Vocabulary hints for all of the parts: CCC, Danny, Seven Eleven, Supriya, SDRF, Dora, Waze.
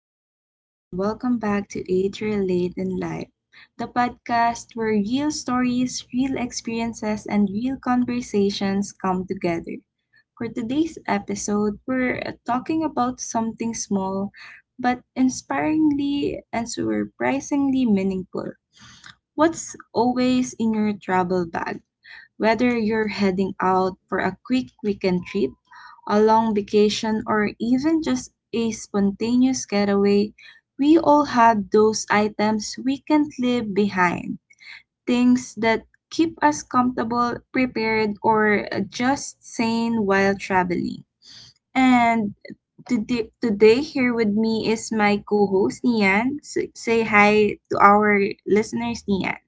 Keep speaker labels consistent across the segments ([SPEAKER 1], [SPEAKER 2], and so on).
[SPEAKER 1] everyone, and welcome back to Age Late in Life, the podcast where real stories, real experiences, and real conversations come together. For today's episode, we're talking about something small but inspiringly and surprisingly meaningful. What's always in your travel bag? Whether you're heading out for a quick weekend trip, a long vacation, or even just a spontaneous getaway, we all have those items we can't leave behind. Things that keep us comfortable, prepared, or just sane while traveling. And today here with me is my co-host Nian. Say hi to our listeners, Nian.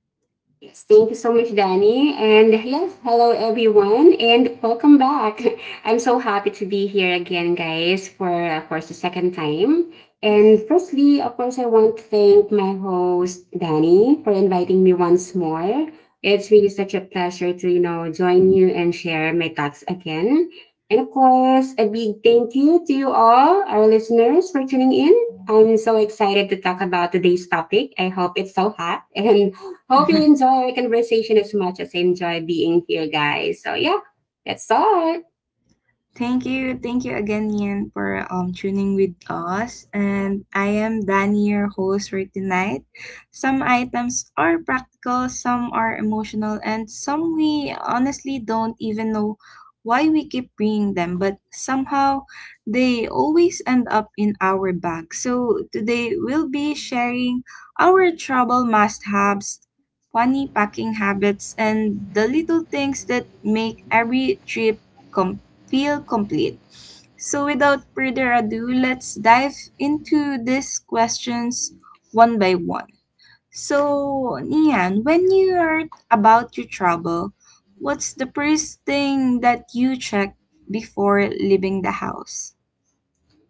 [SPEAKER 2] Yes, thank you so much, Danny. And yes, hello everyone, and welcome back. I'm so happy to be here again, guys, for of course the second time. And firstly, of course, I want to thank my host Danny for inviting me once more. It's really such a pleasure to join you and share my thoughts again. And of course, a big thank you to you all, our listeners, for tuning in. I'm so excited to talk about today's topic. I hope it's so hot and hope you enjoy our conversation as much as I enjoy being here, guys. So yeah, that's all.
[SPEAKER 1] Thank you. Thank you again, Ian, for tuning with us. And I am Danny, your host for tonight. Some items are practical, some are emotional, and some we honestly don't even know why we keep bringing them, but somehow they always end up in our bag. So today we'll be sharing our trouble must haves, funny packing habits, and the little things that make every trip feel complete. So, without further ado, let's dive into these questions one by one. So, Nian, when you are about your travel, what's the first thing that you check before leaving the house?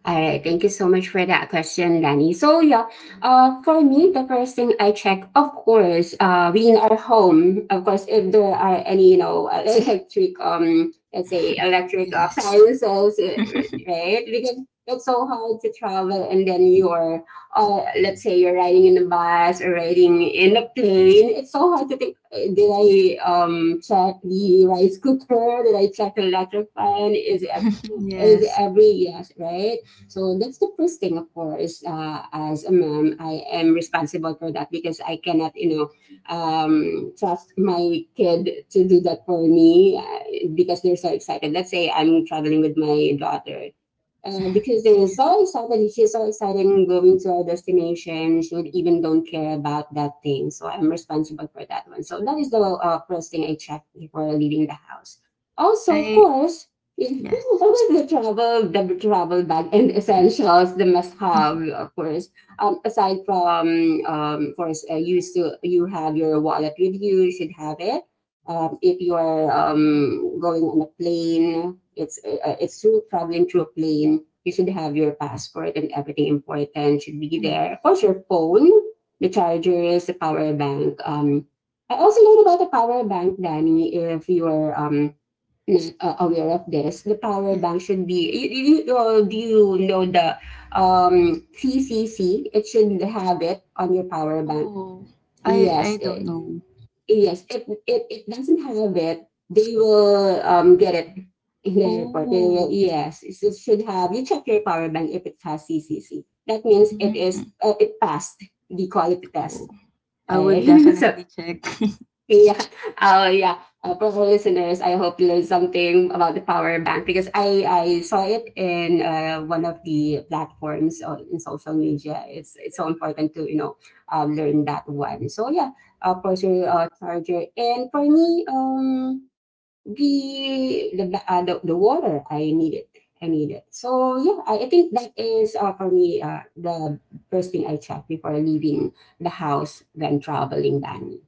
[SPEAKER 2] All right, thank you so much for that question, Danny. So yeah, for me, the first thing I check, of course, being our home, of course, if there are any, electric, let's say electric
[SPEAKER 1] Yes.
[SPEAKER 2] appliances, uh, right? Because it's so hard to travel, and then you're, let's say you're riding in a bus or riding in a plane. It's so hard to think. Did I check the rice cooker? Did I check the electric fan? Is
[SPEAKER 1] Yes.
[SPEAKER 2] every yes, right? So that's the first thing, of course. As a mom, I am responsible for that because I cannot, you know, trust my kid to do that for me because they're so excited. Let's say I'm traveling with my daughter. Because they're so
[SPEAKER 1] Yes.
[SPEAKER 2] excited, she's so excited in going to our destination. She would even don't care about that thing. So I'm responsible for that one. So that is the first thing I check before leaving the house. Also, of
[SPEAKER 1] I
[SPEAKER 2] course,
[SPEAKER 1] yes.
[SPEAKER 2] oh, the travel bag and essentials, the must-have, of course. Aside from, of course, you have your wallet with you. You should have it. If you are going on a plane, it's through traveling through a plane. You should have your passport and everything important should be
[SPEAKER 1] Yes.
[SPEAKER 2] there. Of course, your phone, the chargers, the power bank. I also learned about the power bank, Danny. If you are is aware of this, the power
[SPEAKER 1] Yes.
[SPEAKER 2] bank should be. Do you know the CCC? It should have it on your power bank.
[SPEAKER 1] Oh. I
[SPEAKER 2] Yes,
[SPEAKER 1] I don't
[SPEAKER 2] it,
[SPEAKER 1] know.
[SPEAKER 2] yes. If it, it doesn't have it, they will get it in the report. They will,
[SPEAKER 1] Oh.
[SPEAKER 2] yes. It should have. You check your power bank if it has CCC. That means it
[SPEAKER 1] Mm.
[SPEAKER 2] is, it passed the quality
[SPEAKER 1] Oh.
[SPEAKER 2] test.
[SPEAKER 1] I
[SPEAKER 2] Uh,
[SPEAKER 1] would
[SPEAKER 2] so
[SPEAKER 1] definitely check.
[SPEAKER 2] yeah. Oh, yeah. For our listeners, I hope you learned something about the power bank because I saw it in one of the platforms on, in social media. It's so important to learn that one. So yeah, portable charger. And for me, the the water, I need it. I need it. So yeah, I think that is, for me, the first thing I check before leaving the house when traveling, Danny.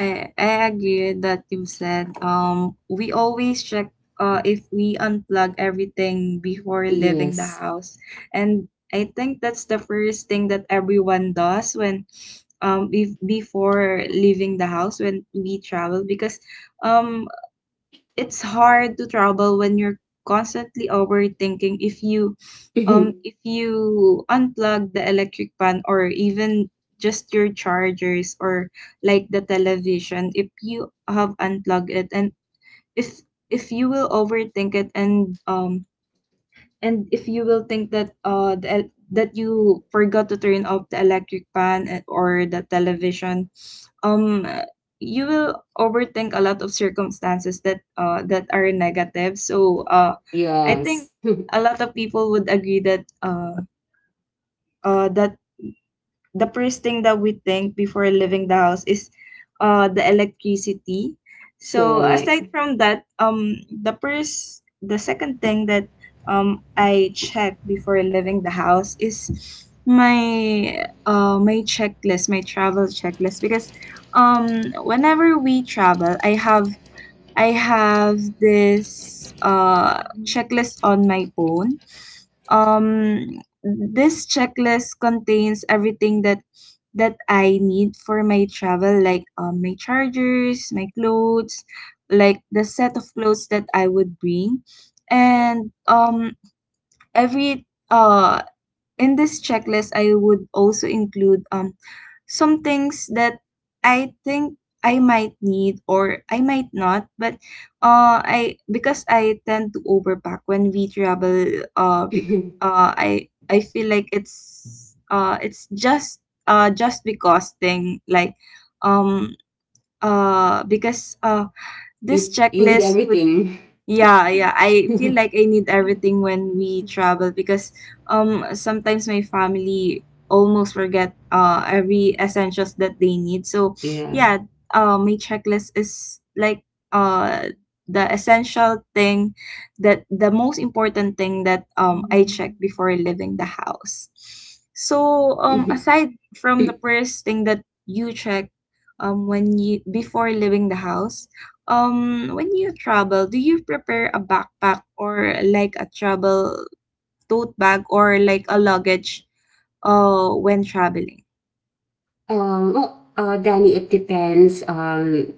[SPEAKER 1] I agree with that you said we always check if we unplug everything before leaving the
[SPEAKER 2] Yes.
[SPEAKER 1] house. And I think that's the first thing that everyone does when if, before leaving the house when we travel because um it's hard to travel when you're constantly overthinking
[SPEAKER 2] Mhm.
[SPEAKER 1] if you unplug the electric fan or even just your chargers or like the television if you have unplugged it. And if if you will overthink it and if you will think that the, that you forgot to turn off the electric fan or the television, um you will overthink a lot of circumstances that that are negative. I think
[SPEAKER 2] Yes.
[SPEAKER 1] a lot of people would agree that the first thing that we think before leaving the house is the electricity. So
[SPEAKER 2] Correct.
[SPEAKER 1] aside from that, the second thing that I check before leaving the house is my checklist, my travel checklist because whenever we travel, I have this checklist on my phone. This checklist contains everything that I need for my travel, like my chargers, my clothes, like the set of clothes that I would bring, and every in this checklist I would also include some things that I think I might need or I might not, but I because I tend to overpack when we travel. Uh, bec- uh, I I feel like it's just because thing like um because this
[SPEAKER 2] You need
[SPEAKER 1] checklist would
[SPEAKER 2] everything.
[SPEAKER 1] yeah, yeah. I feel like I need everything when we travel because sometimes my family almost forget every essentials that they need. So
[SPEAKER 2] Yeah.
[SPEAKER 1] yeah, my checklist is like uh the essential thing the most important thing that I check
[SPEAKER 2] Mhm.
[SPEAKER 1] before leaving the house. So
[SPEAKER 2] Mhm.
[SPEAKER 1] aside from the first thing that you check when you before leaving the house, when you travel, do you prepare a backpack or like a travel tote bag or like a luggage when traveling?
[SPEAKER 2] Well, Danny, it depends on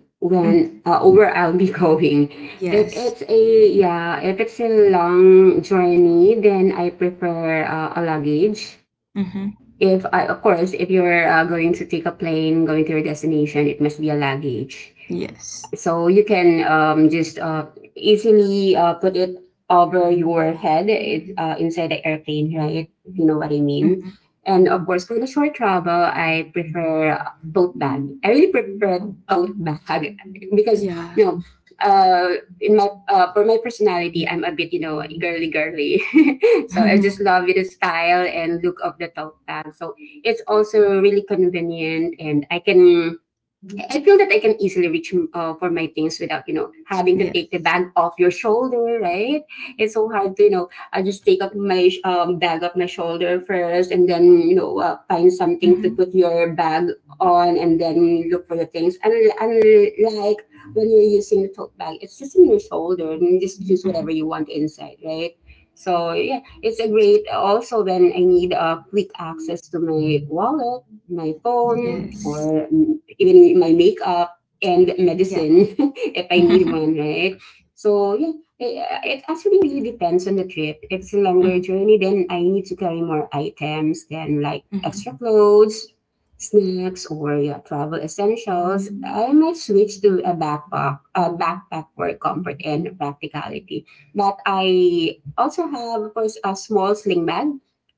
[SPEAKER 1] Mm-hmm.
[SPEAKER 2] when where I'll be going.
[SPEAKER 1] Yes.
[SPEAKER 2] If it's a long journey, then I prefer a luggage.
[SPEAKER 1] Mm-hmm.
[SPEAKER 2] If I, of course, if you're going to take a plane going to your destination, it must be a luggage.
[SPEAKER 1] Yes.
[SPEAKER 2] So you can just easily put it over your head it, inside the airplane, right? You know what I mean?
[SPEAKER 1] Mm-hmm.
[SPEAKER 2] And of course, for the short travel, I prefer tote bag. I really prefer tote bag because,
[SPEAKER 1] Yeah.
[SPEAKER 2] you know, in my for my personality, I'm a bit, you know, girly girly. So I just love the style and look of the tote bag. So it's also really convenient, and I feel that I can easily reach for my things without, you know, having to take the
[SPEAKER 1] Yes.
[SPEAKER 2] bag off your shoulder, right? It's so hard to, you know, I just take up my bag off my shoulder first and then, you know, find something to
[SPEAKER 1] Mm-hmm.
[SPEAKER 2] put your bag on and then look for the things. And like when you're using the tote bag, it's just in your shoulder and you just use
[SPEAKER 1] Mm-hmm.
[SPEAKER 2] whatever you want inside, right? So yeah, it's a great also when I need a quick access to my wallet, my phone,
[SPEAKER 1] Yes.
[SPEAKER 2] or even my makeup and
[SPEAKER 1] Yeah.
[SPEAKER 2] medicine if I need
[SPEAKER 1] Mm-hmm.
[SPEAKER 2] one, right? So yeah, it actually really depends on the trip. If it's a longer journey, then I need to carry more items then like
[SPEAKER 1] Mm-hmm.
[SPEAKER 2] extra clothes, snacks, or yeah, travel essentials. I might switch to a backpack for comfort and practicality. But I also have, of course, a small sling bag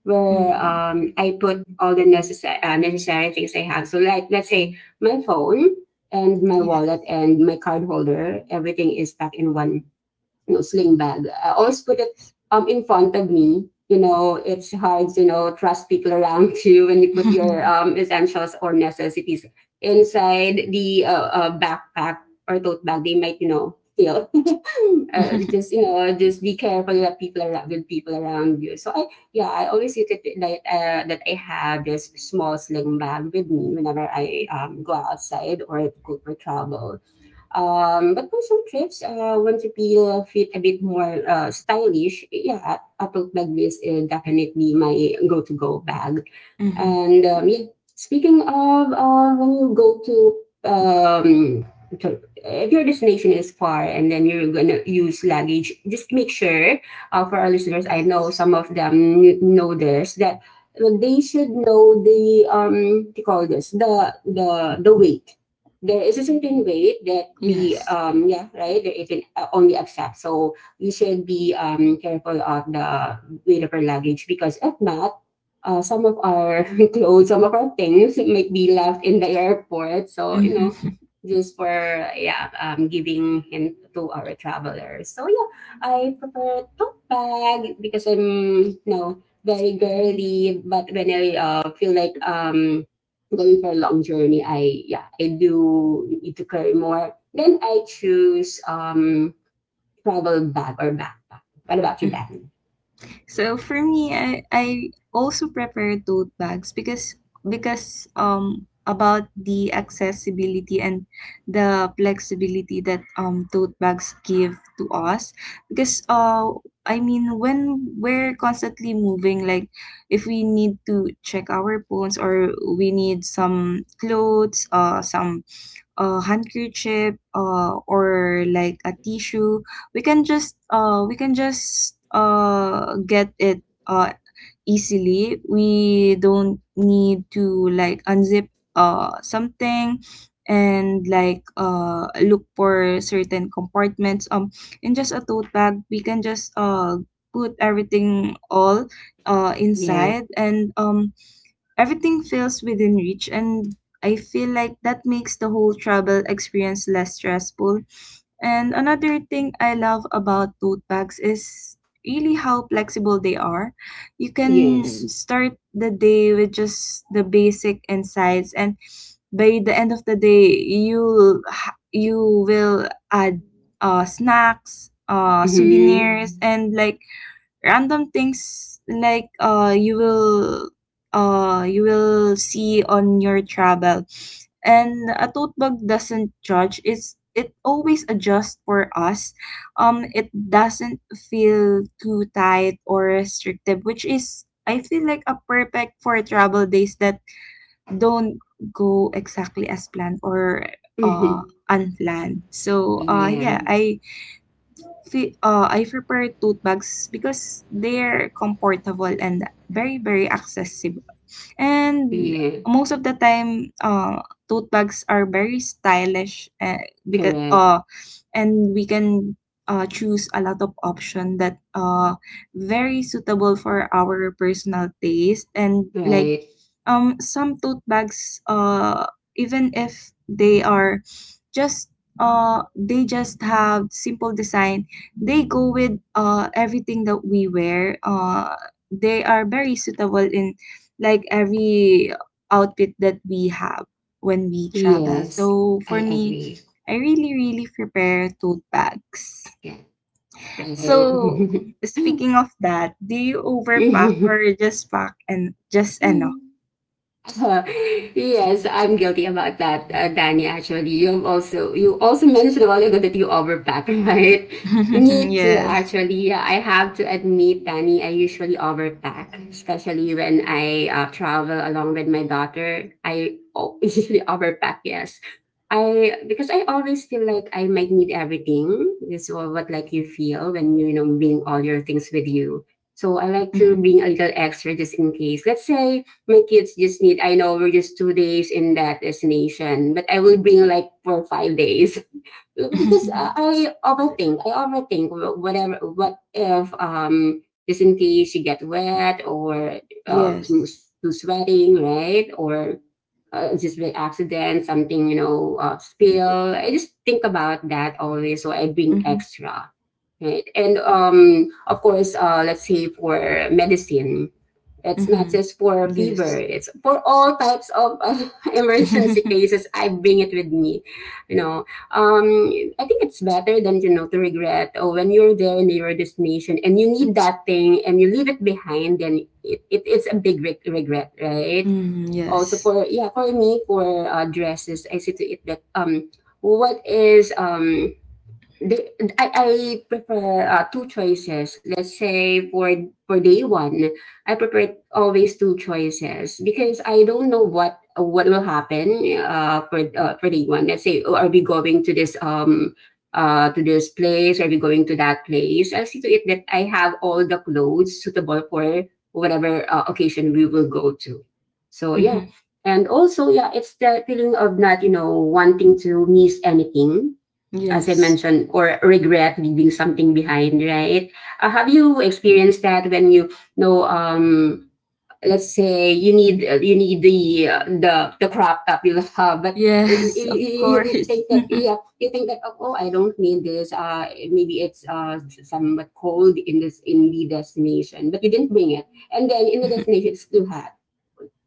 [SPEAKER 2] where
[SPEAKER 1] Mm-hmm.
[SPEAKER 2] I put all the necessary things I have. So like let's say my phone and my wallet
[SPEAKER 1] Yes.
[SPEAKER 2] and my card holder, everything is packed in one no sling bag. I always put it
[SPEAKER 1] Yes.
[SPEAKER 2] in front of me. You know, it's hard to trust people around you when you put your essentials or necessities inside the backpack or tote bag. They might steal. Just you know, just be careful that people are with people around you. So I always use it like that. I have this small sling bag with me whenever I go outside or go for travel. But for some trips, want to feel fit a bit more stylish, yeah, a tote bag is definitely my go-to-go bag.
[SPEAKER 1] Mm-hmm.
[SPEAKER 2] And yeah, speaking of when you go to um, if your destination is far and then you're gonna use luggage, just make sure, for our listeners, I know
[SPEAKER 1] Yes.
[SPEAKER 2] some of them know this, that they should know the what do you call this, the weight. There is a certain weight that the
[SPEAKER 1] Yes.
[SPEAKER 2] yeah, right, that it can only accept, so we should be careful of the weight of our luggage, because if not, some of our clothes, some of our things might be left in the airport, so you know,
[SPEAKER 1] Mm-hmm.
[SPEAKER 2] just for yeah, giving hint to our travelers. So yeah, I prefer tote bag because I'm, you know, very girly, but when I, feel like going for a long journey, I do need to carry more. Then I choose travel bag or backpack. What about you, Dan?
[SPEAKER 1] So for me, I also prepare tote bags because about the accessibility and the flexibility that tote bags give to us because I mean when we're constantly moving, like if we need to check our phones, or we need some clothes, some a handkerchief, or like a tissue, we can just get it easily. We don't need to like unzip something and like look for certain compartments. In just a tote bag we can just put everything all
[SPEAKER 2] Yeah.
[SPEAKER 1] inside and everything feels within reach, and I feel like that makes the whole travel experience less stressful. And another thing I love about tote bags is really how flexible they are. You can
[SPEAKER 2] Yes.
[SPEAKER 1] start the day with just the basic insides, and by the end of the day, you will add snacks,
[SPEAKER 2] Mm-hmm.
[SPEAKER 1] souvenirs, and like random things like you will see on your travel. And a tote bag doesn't judge; it's it always adjusts for us. It doesn't feel too tight or restrictive, which is I feel like a perfect for travel days that don't go exactly as planned or uh
[SPEAKER 2] Mm-hmm.
[SPEAKER 1] unplanned.
[SPEAKER 2] Yeah.
[SPEAKER 1] I prefer tote bags because they're comfortable and very, very accessible. And
[SPEAKER 2] Yeah.
[SPEAKER 1] most of the time, tote bags are very stylish, because
[SPEAKER 2] Correct.
[SPEAKER 1] and we can choose a lot of option that very suitable for our personal taste and like
[SPEAKER 2] Right.
[SPEAKER 1] some tote bags, even if they are just they just have simple design. They go with everything that we wear. They are very suitable in like every outfit that we have when we travel.
[SPEAKER 2] Yes.
[SPEAKER 1] So
[SPEAKER 2] I
[SPEAKER 1] for me,
[SPEAKER 2] agree.
[SPEAKER 1] I really, really prepare tote bags.
[SPEAKER 2] Yeah.
[SPEAKER 1] So
[SPEAKER 2] Right.
[SPEAKER 1] speaking of that, do you overpack or just pack and just enough?
[SPEAKER 2] Uh, yes, I'm guilty about that, Danny. Actually, you also mentioned a while ago that you overpack, right? Me too.
[SPEAKER 1] Yes.
[SPEAKER 2] Actually, yeah, I have to admit, Danny, I usually overpack, especially when I travel along with my daughter. I usually overpack. Yes, I because I always feel like I might need everything. This is what like you feel when you know bring all your things with you. So I like to
[SPEAKER 1] Hmm.
[SPEAKER 2] bring a little extra just in case. Let's say my kids just need. I know we're just 2 days in that destination, but I will bring like for 5 days because I overthink. I overthink whatever. What if just in case you get wet or
[SPEAKER 1] Yes.
[SPEAKER 2] too sweating, right? Or just by accident, something, you know, spill. I just think about that always. So I bring
[SPEAKER 1] Hmm.
[SPEAKER 2] extra, right? And of course, let's say for medicine, it's not
[SPEAKER 1] Hmm.
[SPEAKER 2] just for fever.
[SPEAKER 1] Yes.
[SPEAKER 2] It's for all types of emergency
[SPEAKER 1] Mm,
[SPEAKER 2] cases. I bring it with me, you know. Um, I think it's better than you know to regret. Oh, when you're there in your destination and you need that thing and you leave it behind, then it's a big regret, right? Also
[SPEAKER 1] yes.
[SPEAKER 2] for yeah, for me for dresses, I see to it that what is the I prefer, 2 choices. Let's say for day 1, I prefer always 2 choices because I don't know what will happen, for day 1. Let's say, "Oh, are we going to this place? Are we going to that place?" I'll see to it that I have all the clothes suitable for whatever, occasion we will go to. So, yeah.
[SPEAKER 1] Hmm.
[SPEAKER 2] And also, yeah, it's the feeling of not, you know, wanting to miss anything as I
[SPEAKER 1] Yes.
[SPEAKER 2] mentioned, or regret leaving something behind, right? Have you experienced that when let's say you need the crop top you have, but
[SPEAKER 1] Yes, of
[SPEAKER 2] you
[SPEAKER 1] course.
[SPEAKER 2] think that yeah, you think that oh, I don't need this. Maybe it's somewhat cold in this in the destination, but you didn't bring it, and then in the destination it's too hot.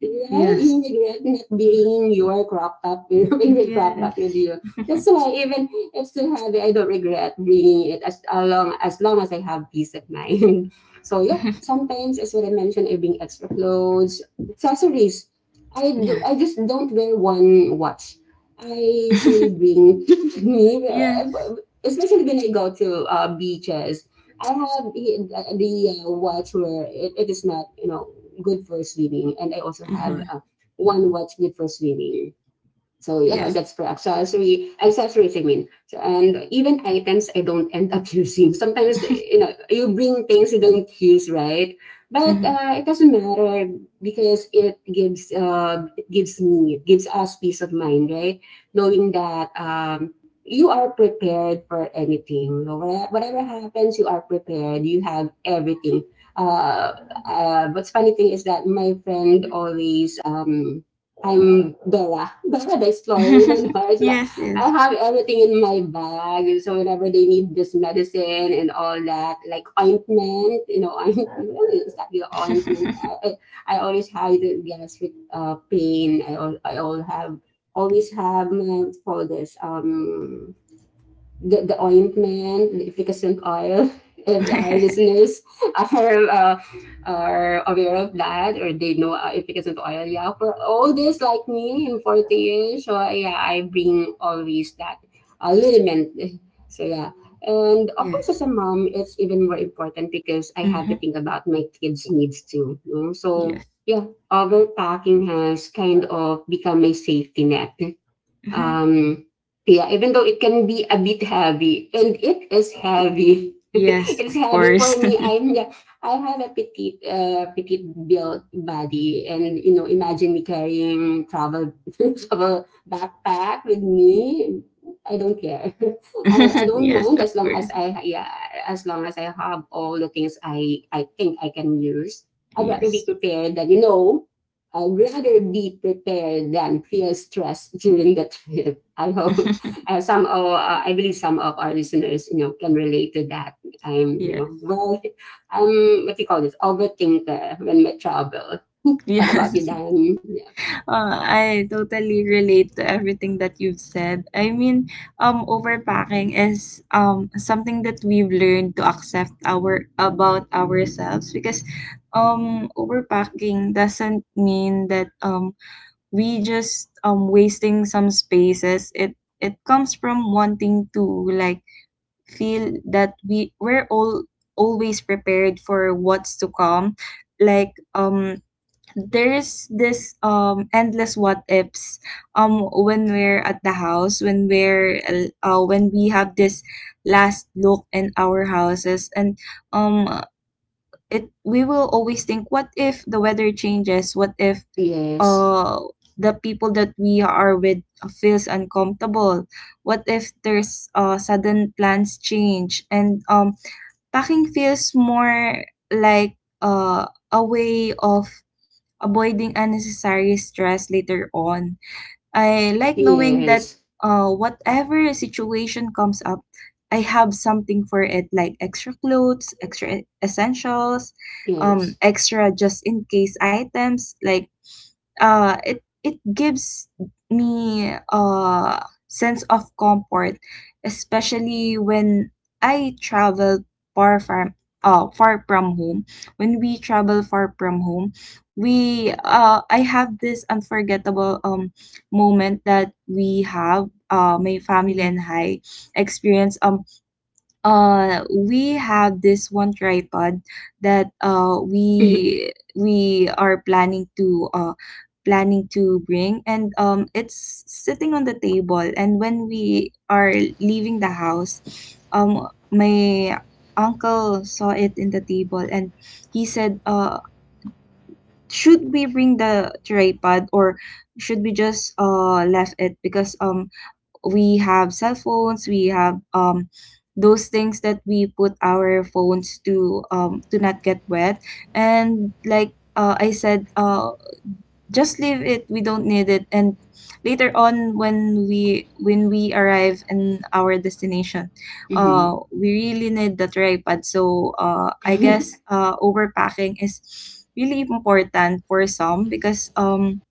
[SPEAKER 2] Right? You
[SPEAKER 1] Yes.
[SPEAKER 2] regret not bringing your crop top, being with crop top with
[SPEAKER 1] Yes.
[SPEAKER 2] you. That's why even if it's too heavy, I don't regret bringing it as long as long as I have peace of mind. So yeah, sometimes as what I mentioned, I bring extra clothes, accessories. I
[SPEAKER 1] Yes.
[SPEAKER 2] just don't wear one watch. I usually bring me,
[SPEAKER 1] Yes.
[SPEAKER 2] especially when I go to beaches. I have the watch where it is not, you know, good for swimming, and I also have
[SPEAKER 1] Mhm.
[SPEAKER 2] one watch good for swimming. So yeah,
[SPEAKER 1] Yes.
[SPEAKER 2] that's for accessory accessories. I mean, so, and even items I don't end up using. Sometimes you know you bring things you don't use, right? But
[SPEAKER 1] Mhm.
[SPEAKER 2] it doesn't matter because it gives me, it gives us peace of mind, right? Knowing that you are prepared for anything. You know, whatever happens, you are prepared. You have everything. Uh, what's funny thing is that my friend always I'm Dora. Dora the Explorer. You don't know it's like
[SPEAKER 1] Yes,
[SPEAKER 2] I
[SPEAKER 1] yes.
[SPEAKER 2] have everything in my bag. So whenever they need this medicine and all that, like ointment, you know, ointment, is that your ointment? I always have the gastric pain. I all have always have my for this the ointment, the efficacy oil. If our listeners are uh, are aware of that or they know efficacy oil, yeah. For all this, like me in 40 years, so yeah, I bring always that liniment. So yeah. And of course, as a
[SPEAKER 1] Yes.
[SPEAKER 2] mom, it's even more important because I have to
[SPEAKER 1] Mhm.
[SPEAKER 2] think about my kids' needs too. You know? So
[SPEAKER 1] Yes.
[SPEAKER 2] yeah, overpacking has kind of become my safety net.
[SPEAKER 1] Mhm.
[SPEAKER 2] Um, yeah, even though it can be a bit heavy, and it is heavy.
[SPEAKER 1] Yes,
[SPEAKER 2] It's
[SPEAKER 1] of
[SPEAKER 2] heavy
[SPEAKER 1] course.
[SPEAKER 2] for me. I have a petite, petite built body, and you know, imagine me carrying travel travel backpack with me. I don't care. I, I don't
[SPEAKER 1] Yes,
[SPEAKER 2] mind
[SPEAKER 1] of
[SPEAKER 2] as long as
[SPEAKER 1] course.
[SPEAKER 2] I yeah as long as I have all the things I think I can use. I'd rather be
[SPEAKER 1] Yes.
[SPEAKER 2] prepared than you know I'd rather be prepared than feel stress during the trip. I hope I believe some of our listeners, you know, can relate to that. I'm, you know,
[SPEAKER 1] Yes.
[SPEAKER 2] well, I'm what do you call this, overthinker when we travel. What about you,
[SPEAKER 1] Yes.
[SPEAKER 2] Dan? Yeah.
[SPEAKER 1] I totally relate to everything that you've said. I mean, overpacking is something that we've learned to accept our about ourselves because overpacking doesn't mean that we just wasting some spaces. It comes from wanting to like feel that we we're all always prepared for what's to come. Like um there's this endless what ifs when we're at the house when we're when we have this last look in our houses and um it we will always think, what if the weather changes? What if
[SPEAKER 2] Yes,
[SPEAKER 1] uh the people that we are with feels uncomfortable? What if there's sudden plans change? And packing feels more like uh a way of avoiding unnecessary stress later on. I like knowing that,
[SPEAKER 2] yes,
[SPEAKER 1] whatever situation comes up, I have something for it, like extra clothes, extra essentials,
[SPEAKER 2] yes.
[SPEAKER 1] extra just in case items. It it gives me a sense of comfort, especially when I travel far from far from home. When we travel far from home, we I have this unforgettable moment that we have, my family
[SPEAKER 2] Mm.
[SPEAKER 1] and I experience. We have this one tripod that we are planning to planning to bring, and it's sitting on the table. And when we are leaving the house, my uncle saw it in the table, and he said, should we bring the tripod or should we just left it? Because we have cell phones, we have those things that we put our phones to not get wet. And like, I said, just leave it, we don't need it. And later on, when we arrive in our destination,
[SPEAKER 2] Mhm.
[SPEAKER 1] we really need the tripod. I guess overpacking is really important for some because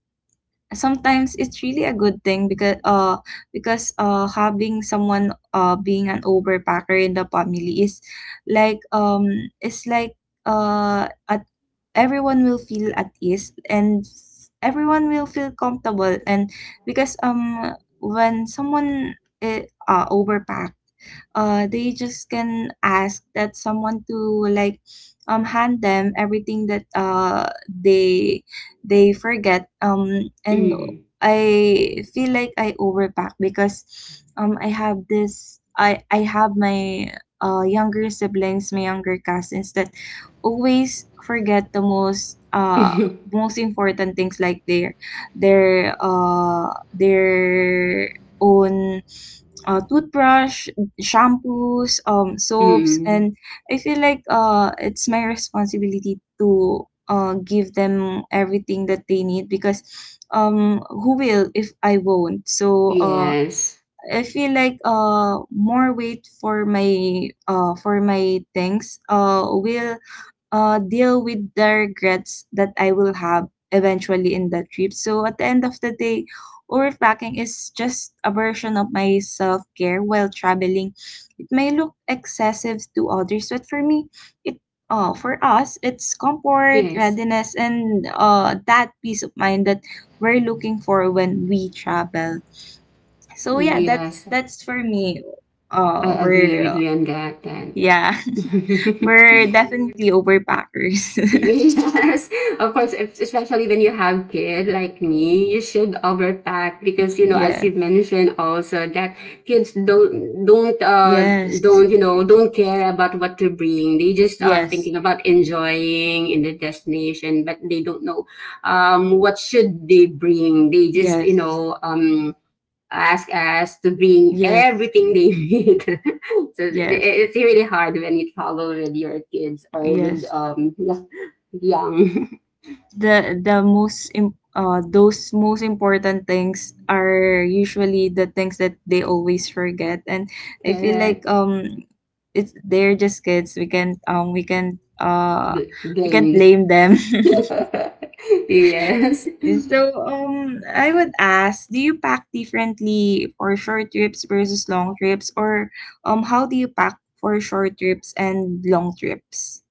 [SPEAKER 1] sometimes it's really a good thing because having someone being an overpacker in the family is like it's like a everyone will feel at ease, and everyone will feel comfortable. And because um when someone uh, overpacks, they just can ask that someone to like hand them everything that they forget. And
[SPEAKER 2] Mm.
[SPEAKER 1] I feel like I overpack because I have this I have my younger siblings, my younger cousins, that always forget the most most important things, like their own toothbrush, shampoos, soaps.
[SPEAKER 2] Mm.
[SPEAKER 1] And I feel like it's my responsibility to give them everything that they need because who will if I won't? So
[SPEAKER 2] Yes,
[SPEAKER 1] I feel like more weight for my things will deal with the regrets that I will have eventually in that trip. So at the end of the day, overpacking is just a version of my self care while traveling. It may look excessive to others, but for me, it for us, it's comfort,
[SPEAKER 2] yes,
[SPEAKER 1] readiness, and that peace of mind that we're looking for when we travel. So yeah, that's
[SPEAKER 2] yes.
[SPEAKER 1] that's for me. Uh,
[SPEAKER 2] I agree with
[SPEAKER 1] we're
[SPEAKER 2] you on that, Danny.
[SPEAKER 1] yeah, we're definitely overpackers.
[SPEAKER 2] Yes, of course, especially when you have kid like me, you should overpack because you know, as
[SPEAKER 1] yes.
[SPEAKER 2] you mentioned also that kids don't don't uh
[SPEAKER 1] Yes,
[SPEAKER 2] don't you know don't care about what to bring. They just are
[SPEAKER 1] yes,
[SPEAKER 2] thinking about enjoying in the destination, but they don't know what should they bring. They just
[SPEAKER 1] yes,
[SPEAKER 2] ask us to bring
[SPEAKER 1] yes,
[SPEAKER 2] everything they need. So
[SPEAKER 1] yes,
[SPEAKER 2] it's really hard when you travel with your kids or with
[SPEAKER 1] yes.
[SPEAKER 2] young
[SPEAKER 1] The most im- those most important things are usually the things that they always forget, and I feel like
[SPEAKER 2] correct
[SPEAKER 1] it's they're just kids. We can't
[SPEAKER 2] Gamed.
[SPEAKER 1] blame them.
[SPEAKER 2] Yes.
[SPEAKER 1] So, I would ask, do you pack differently for short trips versus long trips, or how do you pack for short trips and long trips?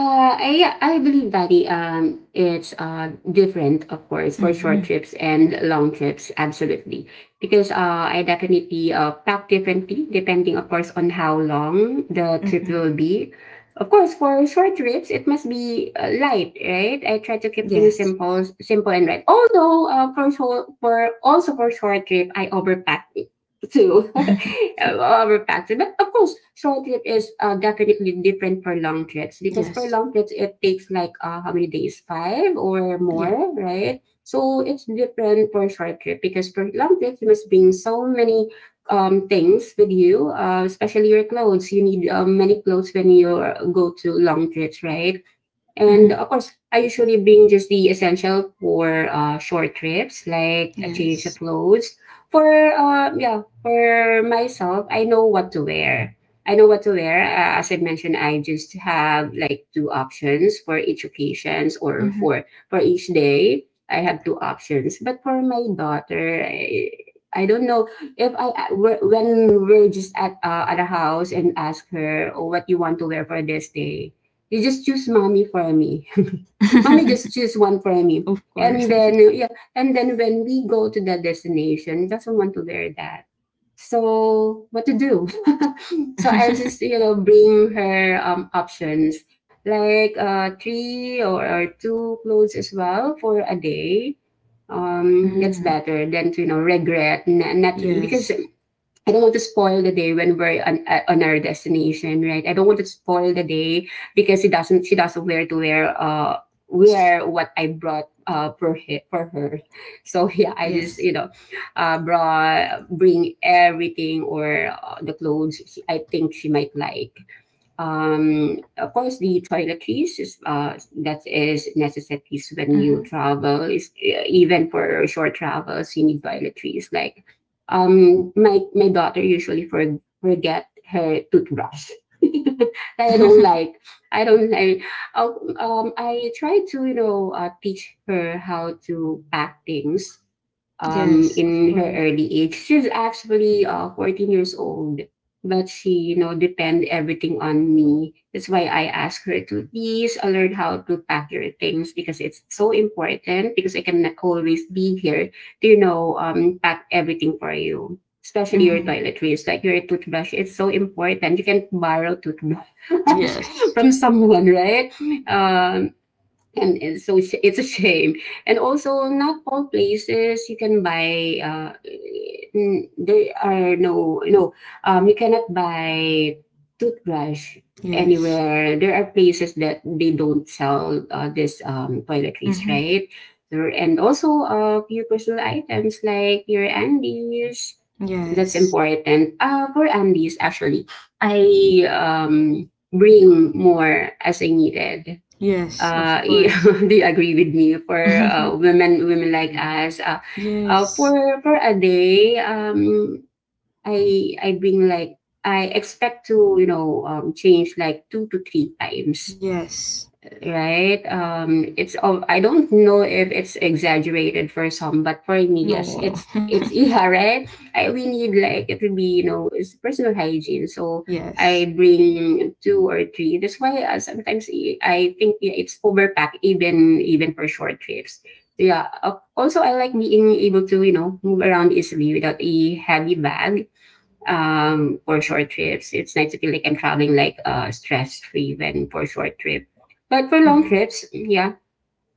[SPEAKER 2] I believe that it's different of course for
[SPEAKER 1] Mm-hmm.
[SPEAKER 2] short trips and long trips absolutely because I definitely pack differently depending of course on how long the trip
[SPEAKER 1] Mm-hmm.
[SPEAKER 2] will be. Of course, for short trips it must be light, right. I try to keep things
[SPEAKER 1] Yes.
[SPEAKER 2] simple and light. Although for also for short trip I overpack to our factor. But of course, short trip is definitely different for long trips because for
[SPEAKER 1] yes.
[SPEAKER 2] long trips it takes like how many days? Five or
[SPEAKER 1] Yes.
[SPEAKER 2] more, right? So it's different for short trip because for long trips you must bring so many things with you, especially your clothes. You need many clothes when you go to long trips, right?
[SPEAKER 1] Mm-hmm.
[SPEAKER 2] And of course, I usually bring just the essential for short trips, like a change of
[SPEAKER 1] Yes.
[SPEAKER 2] clothes. For yeah, for myself, I know what to wear. I know what to wear. As I mentioned, I just have like two options for each occasions or for each day. I have two options. But for my daughter, I don't know if when we're just at a house and ask her, oh, what you want to wear for this day, you just choose mommy for me. Mommy
[SPEAKER 1] Mm-hmm.
[SPEAKER 2] just choose one for me.
[SPEAKER 1] of course.
[SPEAKER 2] And then yeah, and then when we go to the destination, doesn't want to wear that. So what to do? So I just you know bring her options like three or two clothes as well for a day. That's
[SPEAKER 1] mm.
[SPEAKER 2] better than to you know regret not because
[SPEAKER 1] Yes.
[SPEAKER 2] I don't want to spoil the day when we're on our destination, right? I don't want to spoil the day because she doesn't wear to wear wear what I brought for for her. So yeah, I just
[SPEAKER 1] Yes.
[SPEAKER 2] you know brought bring everything or the clothes I think she might like. Of course, the toiletries is that is necessities when you
[SPEAKER 1] Mm-hmm.
[SPEAKER 2] travel. Is even for short travels, you need toiletries. Like, my my daughter usually forget her toothbrush. I don't like. I don't. I try to you know teach her how to pack things.
[SPEAKER 1] yes. Of
[SPEAKER 2] In her
[SPEAKER 1] course.
[SPEAKER 2] early age, she's actually 14 years old, but she, you know, depend everything on me. That's why I ask her to please alert how to pack your things because it's so important because I can always be here to, you know, pack everything for you. Especially your
[SPEAKER 1] Mm-hmm.
[SPEAKER 2] toiletries, like your toothbrush. It's so important. You can borrow toothbrush
[SPEAKER 1] Yes.
[SPEAKER 2] from someone, right? Um, and it's a shame, and also not all places you can buy there are no you cannot buy toothbrush
[SPEAKER 1] Yes.
[SPEAKER 2] anywhere, there are places that they don't sell this toiletries,
[SPEAKER 1] Mm-hmm.
[SPEAKER 2] right? There, and also your personal items like your undies, that's
[SPEAKER 1] Yes.
[SPEAKER 2] important. For undies actually I bring more as I needed.
[SPEAKER 1] Yes. Of
[SPEAKER 2] uh, y-
[SPEAKER 1] course.
[SPEAKER 2] do you agree with me for
[SPEAKER 1] Mhm.
[SPEAKER 2] women like us? For
[SPEAKER 1] Yes.
[SPEAKER 2] for a day I bring like I expect to you know change like two to three times,
[SPEAKER 1] Yes.
[SPEAKER 2] right? It's all, I don't know if it's exaggerated for some, but for me,
[SPEAKER 1] No,
[SPEAKER 2] yes,
[SPEAKER 1] no.
[SPEAKER 2] it's yeah, right? I we need like it would be you know it's personal hygiene, so
[SPEAKER 1] Yes.
[SPEAKER 2] I bring two or three. That's why sometimes I think yeah, it's overpack even for short trips. So yeah. Also, I like being able to you know move around easily without a heavy bag for short trips. It's nice to feel like I'm traveling like stress free when for short trip. But for long
[SPEAKER 1] hmm
[SPEAKER 2] trips, yeah,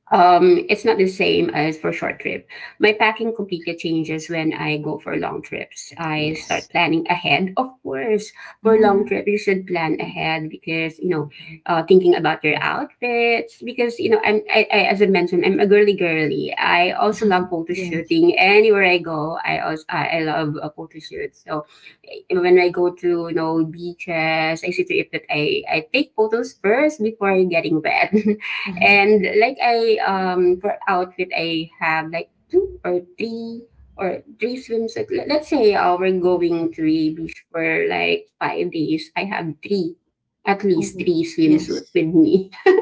[SPEAKER 2] it's not the same as for short trip. My packing completely changes when I go for long trips. I
[SPEAKER 1] Yes.
[SPEAKER 2] start planning ahead. Of course, for
[SPEAKER 1] hmm
[SPEAKER 2] long trip, you should plan ahead because you know, thinking about your outfits. Because you know, as I mentioned, I'm a girly. I also love photo
[SPEAKER 1] Yes.
[SPEAKER 2] shooting anywhere I go. I love photo shoots. So when I go to you know beaches, I see to it that I take photos first before getting wet.
[SPEAKER 1] hmm
[SPEAKER 2] And like I for outfit I have like two or three swimsuits. Let's say we're going to a beach for like 5 days. I have at least
[SPEAKER 1] Oh,
[SPEAKER 2] three swimsuit
[SPEAKER 1] yes.
[SPEAKER 2] with me.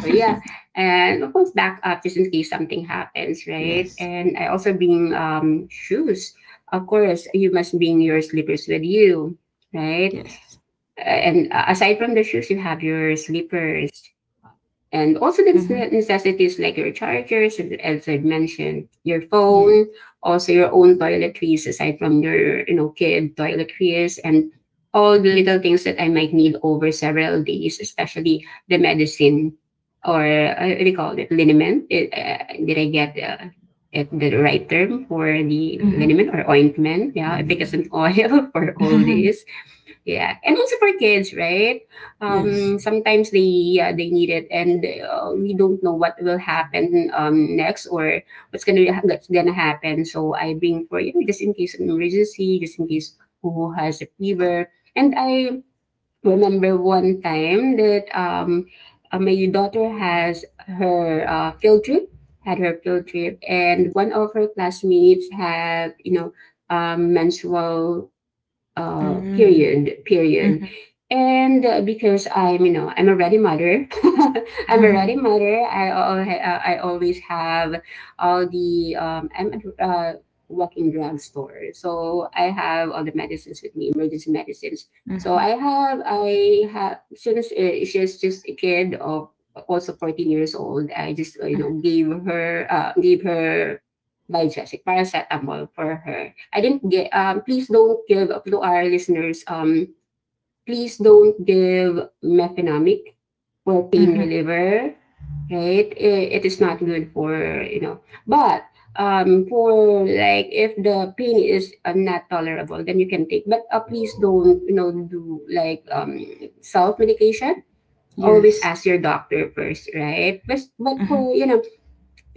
[SPEAKER 2] So yeah, and of course back up just in case something happens, right?
[SPEAKER 1] Yes.
[SPEAKER 2] And I also bring shoes. Of course, you must bring your slippers with you, right?
[SPEAKER 1] Yes.
[SPEAKER 2] And aside from the shoes, you have your slippers, and also the
[SPEAKER 1] hmm
[SPEAKER 2] necessities like your chargers, as I mentioned, your
[SPEAKER 1] Yes.
[SPEAKER 2] phone, also your own toiletries aside from your, you know, kid toiletries, and all the little things that I might need over several days, especially the medicine or what do you call it? Liniment. Did I get the right term for the
[SPEAKER 1] hmm
[SPEAKER 2] liniment or ointment? Yeah, efficacy oil for all this yeah, and also for kids, right?
[SPEAKER 1] Yes.
[SPEAKER 2] Sometimes they need it, and we don't know what will happen next or what's gonna happen. So I bring for just in case of emergency, just in case who has a fever. And I remember one time that my daughter has her field trip, had her field trip, and one of her classmates had menstrual uh
[SPEAKER 1] hmm
[SPEAKER 2] period period
[SPEAKER 1] hmm
[SPEAKER 2] and because I'm I'm a ready mother I'm a ready
[SPEAKER 1] hmm
[SPEAKER 2] mother I always have all the I'm a walking drugstore, so I have all the medicines with me, emergency medicines. So
[SPEAKER 1] hmm
[SPEAKER 2] I have since she's just a kid of also 14 years old, I just gave her digestic paracetamol for her. I didn't get. Please don't give to our listeners. Please don't give mefenamic for pain
[SPEAKER 1] hmm
[SPEAKER 2] reliever. Right, it is not good for you know. But for like if the pain is not tolerable, then you can take. But please don't do like self medication. Always
[SPEAKER 1] Yes.
[SPEAKER 2] ask your doctor first, right? But
[SPEAKER 1] hmm
[SPEAKER 2] for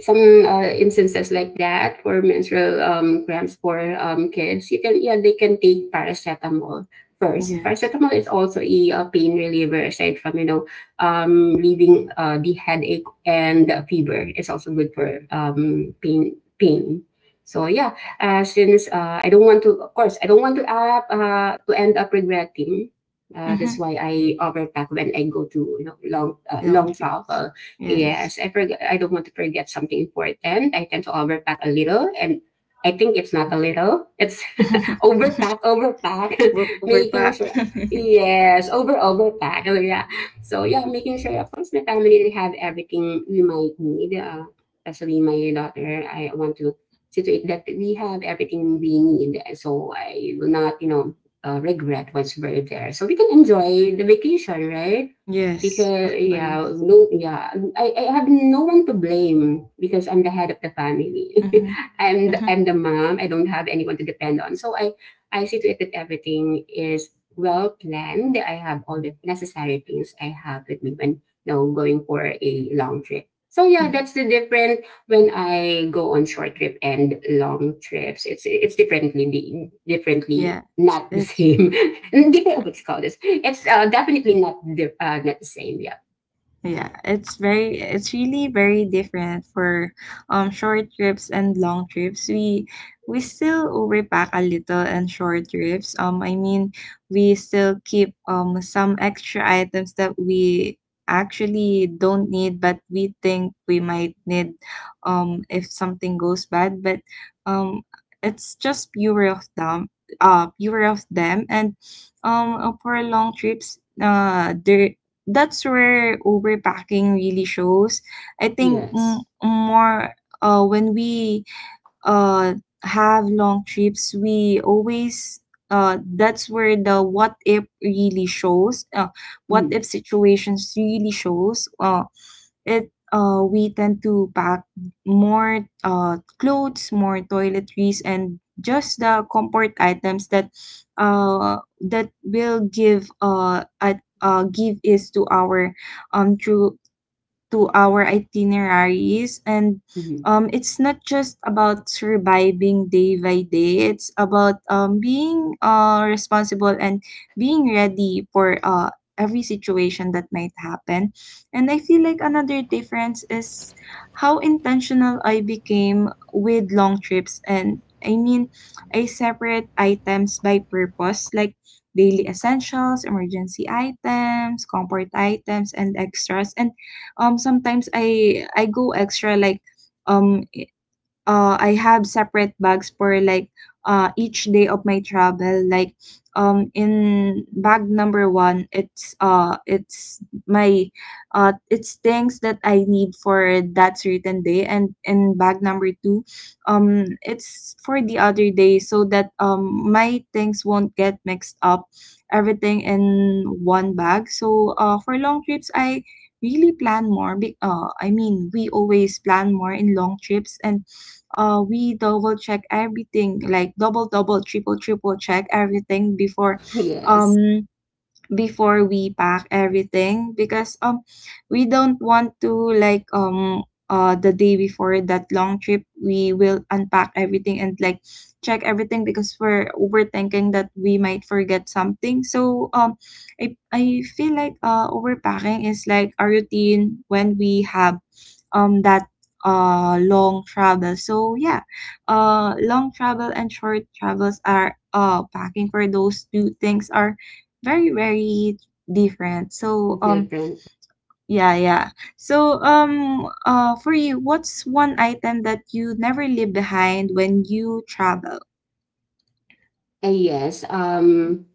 [SPEAKER 2] some instances like that for menstrual cramps for kids, you can, yeah, they can take paracetamol first.
[SPEAKER 1] Yes.
[SPEAKER 2] Paracetamol is also a, pain reliever aside from relieving the headache and the fever. It's also good for pain. So yeah, since I don't want to, of course, I don't want to end up regretting. That's
[SPEAKER 1] hmm
[SPEAKER 2] why I overpack when I go to
[SPEAKER 1] Long
[SPEAKER 2] long
[SPEAKER 1] trips.
[SPEAKER 2] travel.
[SPEAKER 1] Yes.
[SPEAKER 2] Yes, I forget. I don't want to forget something important. I tend to overpack a little, and I think it's not a little. It's overpack, overpack,
[SPEAKER 1] we
[SPEAKER 2] making
[SPEAKER 1] Overpack.
[SPEAKER 2] sure. Yes, overpack. Oh yeah. So yeah, making sure of course my family have everything we might need. Especially my daughter. I want to situate that we have everything we need, so I will not, you know, regret once we're there. So we can enjoy the vacation, right?
[SPEAKER 1] Yes,
[SPEAKER 2] Because
[SPEAKER 1] of
[SPEAKER 2] yeah,
[SPEAKER 1] course.
[SPEAKER 2] no, yeah, I have no one to blame because I'm the head of the family.
[SPEAKER 1] Hmm
[SPEAKER 2] I'm the,
[SPEAKER 1] hmm
[SPEAKER 2] I'm the mom. I don't have anyone to depend on. So I see to it that everything is well planned. I have all the necessary things I have with me when going for a long trip. So yeah,
[SPEAKER 1] hmm
[SPEAKER 2] that's the different when I go on short trip and long trips. It's differently,
[SPEAKER 1] Yeah,
[SPEAKER 2] not the
[SPEAKER 1] it's
[SPEAKER 2] same.
[SPEAKER 1] hmm
[SPEAKER 2] Different, what it's called this. It's definitely not the not the same. Yeah.
[SPEAKER 1] Yeah, it's very it's really very different for short trips and long trips. We still overpack a little and short trips. I mean, we still keep some extra items that we actually don't need but we think we might need if something goes bad. But um it's just pure of them pure of them. And For long trips there that's where overpacking really shows. I think m-
[SPEAKER 2] Yes.
[SPEAKER 1] more When we uh, have long trips, we always that's where the what if really shows, what
[SPEAKER 2] Mm-hmm.
[SPEAKER 1] if situations really shows. It We tend to pack more clothes, more toiletries, and just the comfort items that that will give at, give is to our true to our itineraries, and
[SPEAKER 2] Mm-hmm.
[SPEAKER 1] it's not just about surviving day by day. It's about being responsible and being ready for every situation that might happen. And I feel like another difference is how intentional I became with long trips. And i mean I separate items by purpose, like daily essentials, emergency items, comfort items, and extras. And Sometimes I go extra, like um I have separate bags for like each day of my travel. Like in bag number one, it's my it's things that I need for that certain day, and in bag number two, it's for the other day so that my things won't get mixed up, everything in one bag. So for long trips, I really plan more. I mean, we always plan more in long trips, and we double check everything, like double, double, triple, triple check everything
[SPEAKER 2] Yes.
[SPEAKER 1] um before we pack everything because we don't want to like the day before that long trip, we will unpack everything and like check everything because we're overthinking that we might forget something. So I feel like overpacking is like a routine when we have that long travel. Long travel and short travels are packing for those two things are very, very different.
[SPEAKER 2] Different.
[SPEAKER 1] Yeah, yeah. For you, what's one item that you never leave behind when you travel?
[SPEAKER 2] Yes.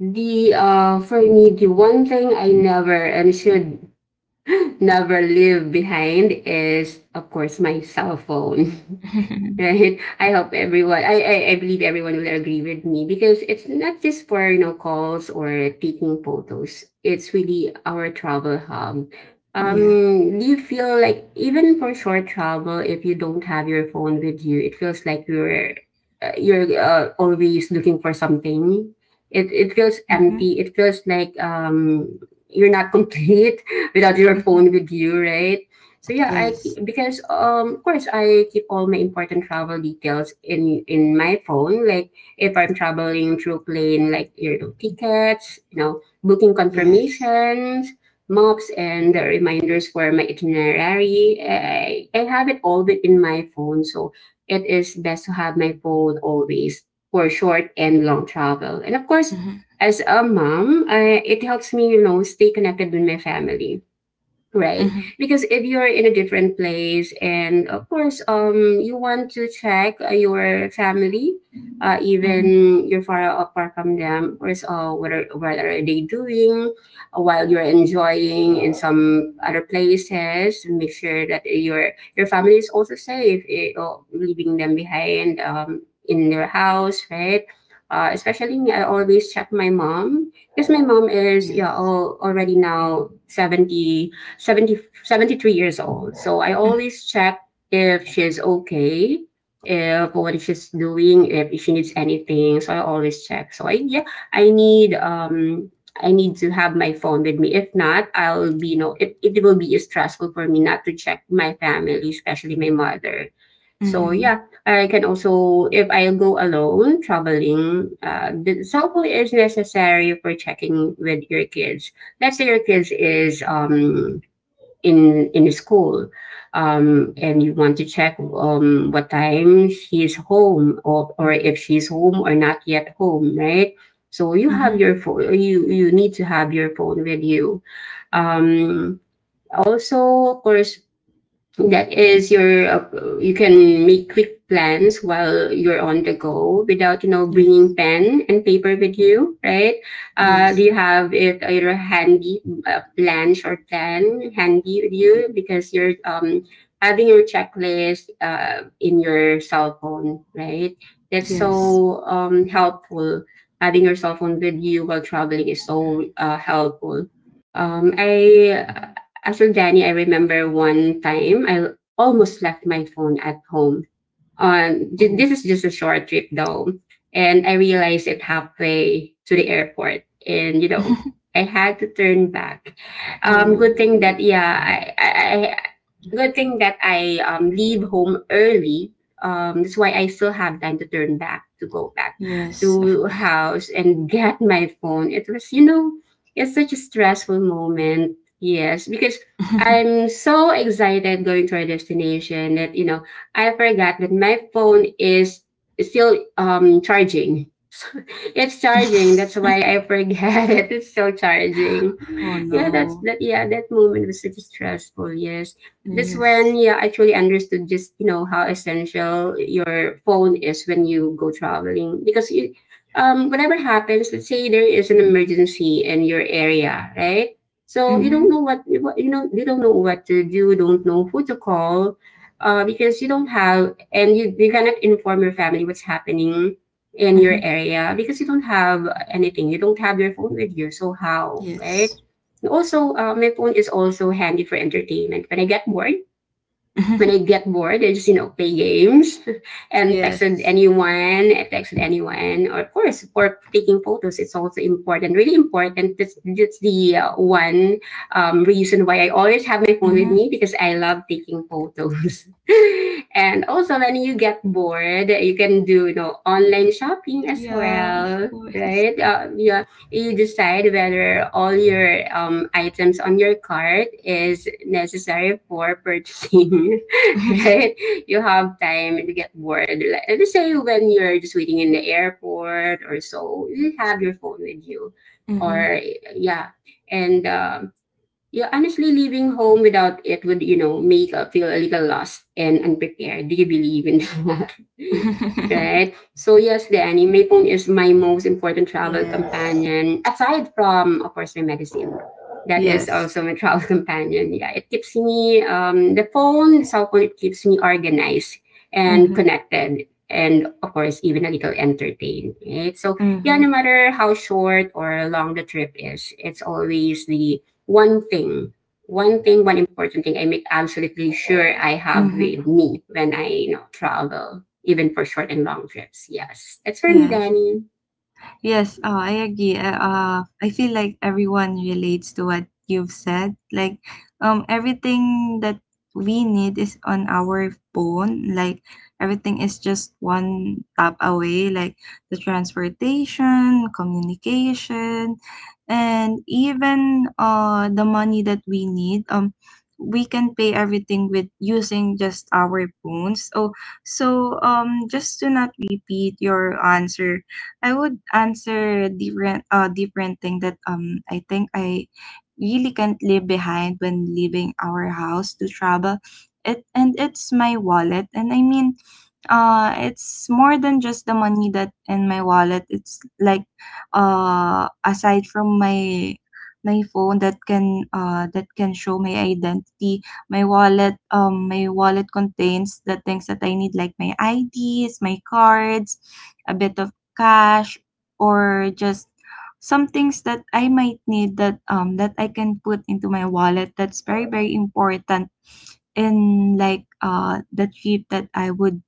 [SPEAKER 2] The for me, the one thing I never and should never leave behind is, of course, my cell phone. Right? I hope everyone, I believe everyone will agree with me because it's not just for, you know, calls or taking photos. It's really our travel hub. Um,
[SPEAKER 1] yeah
[SPEAKER 2] do you feel like even for short travel, if you don't have your phone with you, it feels like you're always looking for something. It feels
[SPEAKER 1] mm-hmm.
[SPEAKER 2] empty. It feels like you're not complete without your
[SPEAKER 1] Mm-hmm.
[SPEAKER 2] phone with you, right? So yeah, I
[SPEAKER 1] yes
[SPEAKER 2] keep, because of course I keep all my important travel details in my phone. Like if I'm traveling through plane, like you know, tickets, you know, booking
[SPEAKER 1] yes
[SPEAKER 2] confirmations, maps, and the reminders for my itinerary. I have it all in my phone, so it is best to have my phone always for short and long travel. And of course,
[SPEAKER 1] mm-hmm.
[SPEAKER 2] as a mom, I, it helps me, you know, stay connected with my family. Right.
[SPEAKER 1] Mm-hmm.
[SPEAKER 2] Because if you're in a different place and of course you want to check your family, uh,
[SPEAKER 1] Mm-hmm.
[SPEAKER 2] even you're far apart from them, of course, uh, what are they doing while you're enjoying in some other places, make sure that your family is also safe, eh, oh, leaving them behind in their house, right? Especially me, I always check my mom because my mom is, yeah,
[SPEAKER 1] yes
[SPEAKER 2] already now 70, seventy, 73 years old. So I always check if she's okay, if what she's doing, if she needs anything. So I always check. So I, yeah, I need um I need to have my phone with me. If not, I'll be, you know, it will be stressful for me not to check my family, especially my mother. So
[SPEAKER 1] mm-hmm.
[SPEAKER 2] yeah, I can also if I go alone traveling, the cell phone is necessary for checking with your kids. Let's say your kids is in school, and you want to check what time she's home or if she's home or not yet home, right? So you
[SPEAKER 1] Mm-hmm.
[SPEAKER 2] have your phone, you need to have your phone with you. um, Also, of course, that is your, you can make quick plans while you're on the go without, you know, bringing
[SPEAKER 1] yes
[SPEAKER 2] pen and paper with you, right? Do
[SPEAKER 1] yes
[SPEAKER 2] you have it either handy, plan, or plan handy with you because you're, having your checklist, in your cell phone, right? That's
[SPEAKER 1] yes
[SPEAKER 2] so, helpful. Having your cell phone with you while traveling is so, helpful. I as for Danny, I remember one time I almost left my phone at home on
[SPEAKER 1] oh
[SPEAKER 2] this is just a short trip though, and I realized it halfway to the airport, and you know, I had to turn back. Good thing that,
[SPEAKER 1] oh
[SPEAKER 2] yeah, I, good thing that I leave home early. That's why I still have time to turn back, to go back
[SPEAKER 1] yes of
[SPEAKER 2] to
[SPEAKER 1] course
[SPEAKER 2] house and get my phone. It was, you know, it's such a stressful moment. Yes, because I'm so excited going to our destination that, you know, I forgot that my phone is still charging. It's charging. That's why I forget it. It's still charging.
[SPEAKER 1] oh
[SPEAKER 2] Yeah, that's
[SPEAKER 1] no.
[SPEAKER 2] that. Yeah, that moment was such a stressful. Yes, that's when,
[SPEAKER 1] Yes.
[SPEAKER 2] yeah, I truly understood just, you know, how essential your phone is when you go traveling, because you, whatever happens, let's say there is an emergency in your area, right? So you don't
[SPEAKER 1] Mhm.
[SPEAKER 2] know what you know. You don't know what to do. Don't know who to call. Because you don't have, and you cannot inform your family what's happening in your
[SPEAKER 1] Mhm.
[SPEAKER 2] area because you don't have anything. You don't have your phone with you. So how, right?
[SPEAKER 1] Yes.
[SPEAKER 2] And also, my phone is also handy for entertainment. When
[SPEAKER 1] Mhm.
[SPEAKER 2] I get bored, I just, you know, play games and texted
[SPEAKER 1] yes.
[SPEAKER 2] anyone. I texted anyone. Or of course, for taking photos, it's also important, really important. That's the one reason why I always have my phone with
[SPEAKER 1] Mhm.
[SPEAKER 2] me because I love taking photos. And also, when you get bored, you can do, you know, online shopping as
[SPEAKER 1] Yeah, of
[SPEAKER 2] well.
[SPEAKER 1] course.
[SPEAKER 2] Right? Yeah, you decide whether all your items on your cart is necessary for purchasing. right? You have time and you get bored. Like, let's say when you're just waiting in the airport or so, you have your phone with you.
[SPEAKER 1] mhm.
[SPEAKER 2] Or yeah, and yeah, honestly, leaving home without it would, you know, make, feel a little lost and unprepared. Do you believe in that? Right? So yes, Danny, my phone is my most important travel
[SPEAKER 1] yes.
[SPEAKER 2] companion, aside from, of course, my medicine. That is
[SPEAKER 1] Yes.
[SPEAKER 2] also my travel companion. Yeah, it keeps me, the phone, the cell phone, it keeps me organized and
[SPEAKER 1] Mhm.
[SPEAKER 2] connected. And of course, even a little entertained, right? So yeah, no
[SPEAKER 1] Mhm.
[SPEAKER 2] matter how short or long the trip is, it's always the one thing, one thing, one important thing I make absolutely sure I have
[SPEAKER 1] Mhm.
[SPEAKER 2] with me when I, you know, travel, even for short and long trips. Yes, that's for me,
[SPEAKER 1] Yes.
[SPEAKER 2] Danny.
[SPEAKER 1] Yes, oh, I agree. I feel like everyone relates to what you've said. Like, everything that we need is on our phone. Like, everything is just one tap away. Like the transportation, communication, and even the money that we need. We can pay everything with using just our phones. So, just to not repeat your answer, I would answer different thing that I think I really can't leave behind when leaving our house to travel. It's my wallet. And I mean uh it's more than just the money that in my wallet. It's like aside from my phone that can show my identity, my wallet. My wallet contains the things that I need, like my IDs, my cards, a bit of cash, or just some things that I might need that I can put into my wallet. That's very, very important in like the trip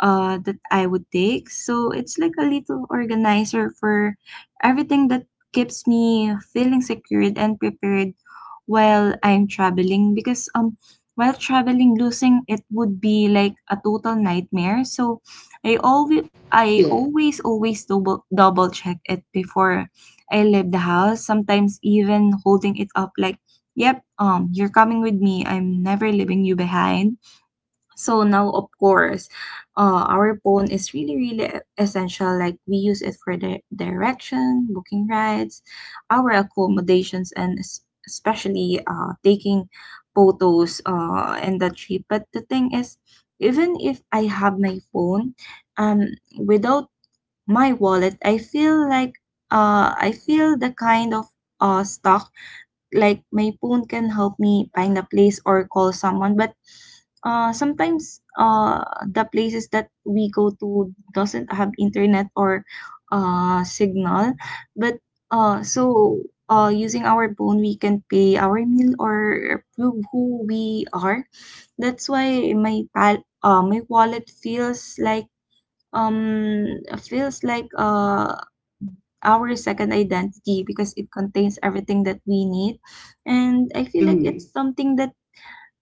[SPEAKER 1] that I would take. So it's like a little organizer for everything that keeps me feeling secured and prepared while I'm traveling because while traveling, losing it would be like a total nightmare. So I always I
[SPEAKER 2] Yeah.
[SPEAKER 1] always, always double, double check it before I leave the house. Sometimes even holding it up like, "Yep, you're coming with me. I'm never leaving you behind." So now, of course, our phone is really, really essential. Like we use it for the direction, booking rides, our accommodations, and especially taking photos in the trip. But the thing is, even if I have my phone, without my wallet, I feel like I feel the kind of stuck. Like my phone can help me find a place or call someone, but sometimes the places that we go to doesn't have internet or signal. But so Using our phone, we can pay our meal or prove who we are. That's why my pal- My wallet um feels like our second identity because it contains everything that we need. And I feel like
[SPEAKER 2] Mm-hmm.
[SPEAKER 1] it's something that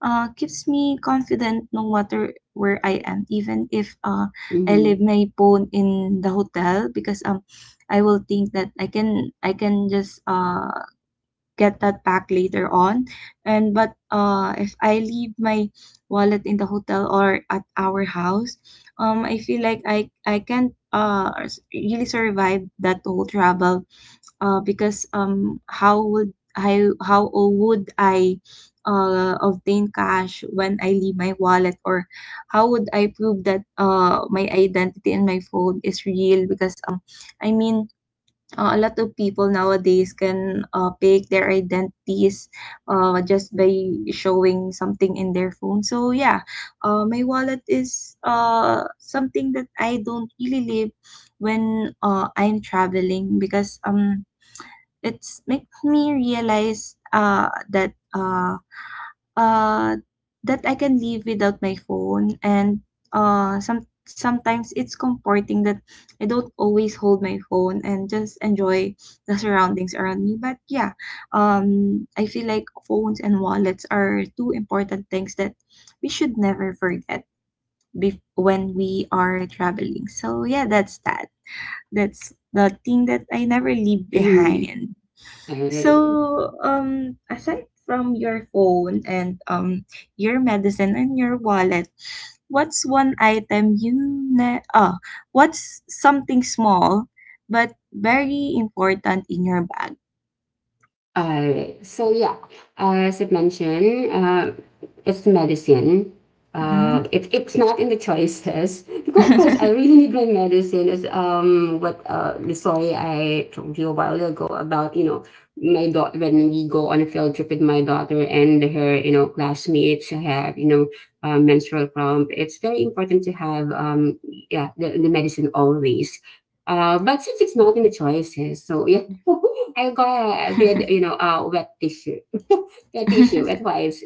[SPEAKER 1] keeps me confident no matter where I am, even if I leave
[SPEAKER 2] Mm-hmm.
[SPEAKER 1] my phone in the hotel because I will think that I can just get that back later on. And but if I leave my wallet in the hotel or at our house, I feel like I can't really survive that whole travel because how would how would I obtain cash when I leave my wallet, or how would I prove that my identity and my phone is real because I mean A lot of people nowadays can fake their identities just by showing something in their phone. So yeah, my wallet is something that I don't really leave when I'm traveling because it's makes me realize uh, that I can live without my phone, and sometimes it's comforting that I don't always hold my phone and just enjoy the surroundings around me. But yeah, I feel like phones and wallets are two important things that we should never forget when we are traveling. So yeah, that's that. That's the thing that I never leave
[SPEAKER 2] Mm-hmm.
[SPEAKER 1] behind.
[SPEAKER 2] All right.
[SPEAKER 1] So, aside from your phone and your medicine and your wallet, what's one item you ne- oh, what's something small but very important in your bag?
[SPEAKER 2] So yeah, as I mentioned, it's medicine.
[SPEAKER 1] Mhm.
[SPEAKER 2] It's not in the choices. Because of course, I really need my medicine. Is, um, what, uh, the story I told you a while ago about, you know, my daughter when we go on a field trip with my daughter and her, you know, classmates who have, you know, menstrual cramp. It's very important to have yeah, the medicine always. But since it's not in the choices, so yeah, I got a, you know, a wet tissue, that issue advice.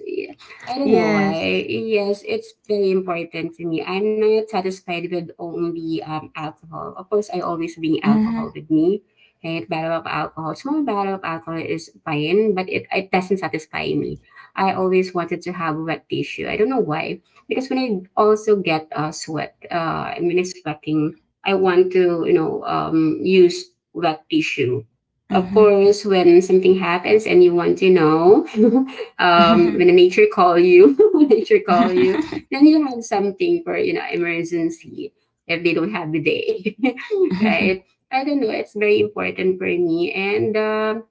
[SPEAKER 2] I don't know
[SPEAKER 1] yes.
[SPEAKER 2] why. Yes, it's very important to me. I'm not satisfied with only alcohol. Of course, I always bring alcohol
[SPEAKER 1] Mhm.
[SPEAKER 2] with me. Right, barrel of alcohol. Small barrel of alcohol is fine, but it doesn't satisfy me. I always wanted to have wet tissue. I don't know why. Because when I also get sweat, when it's sweating, I want to, use wet tissue. Of
[SPEAKER 1] Mhm.
[SPEAKER 2] course, when something happens and you want to know, when
[SPEAKER 1] Mhm.
[SPEAKER 2] nature call you, when nature call you,
[SPEAKER 1] Mhm.
[SPEAKER 2] then you have something for emergency if they don't have the day,
[SPEAKER 1] Mhm.
[SPEAKER 2] right? I don't know. It's very important for me, and um,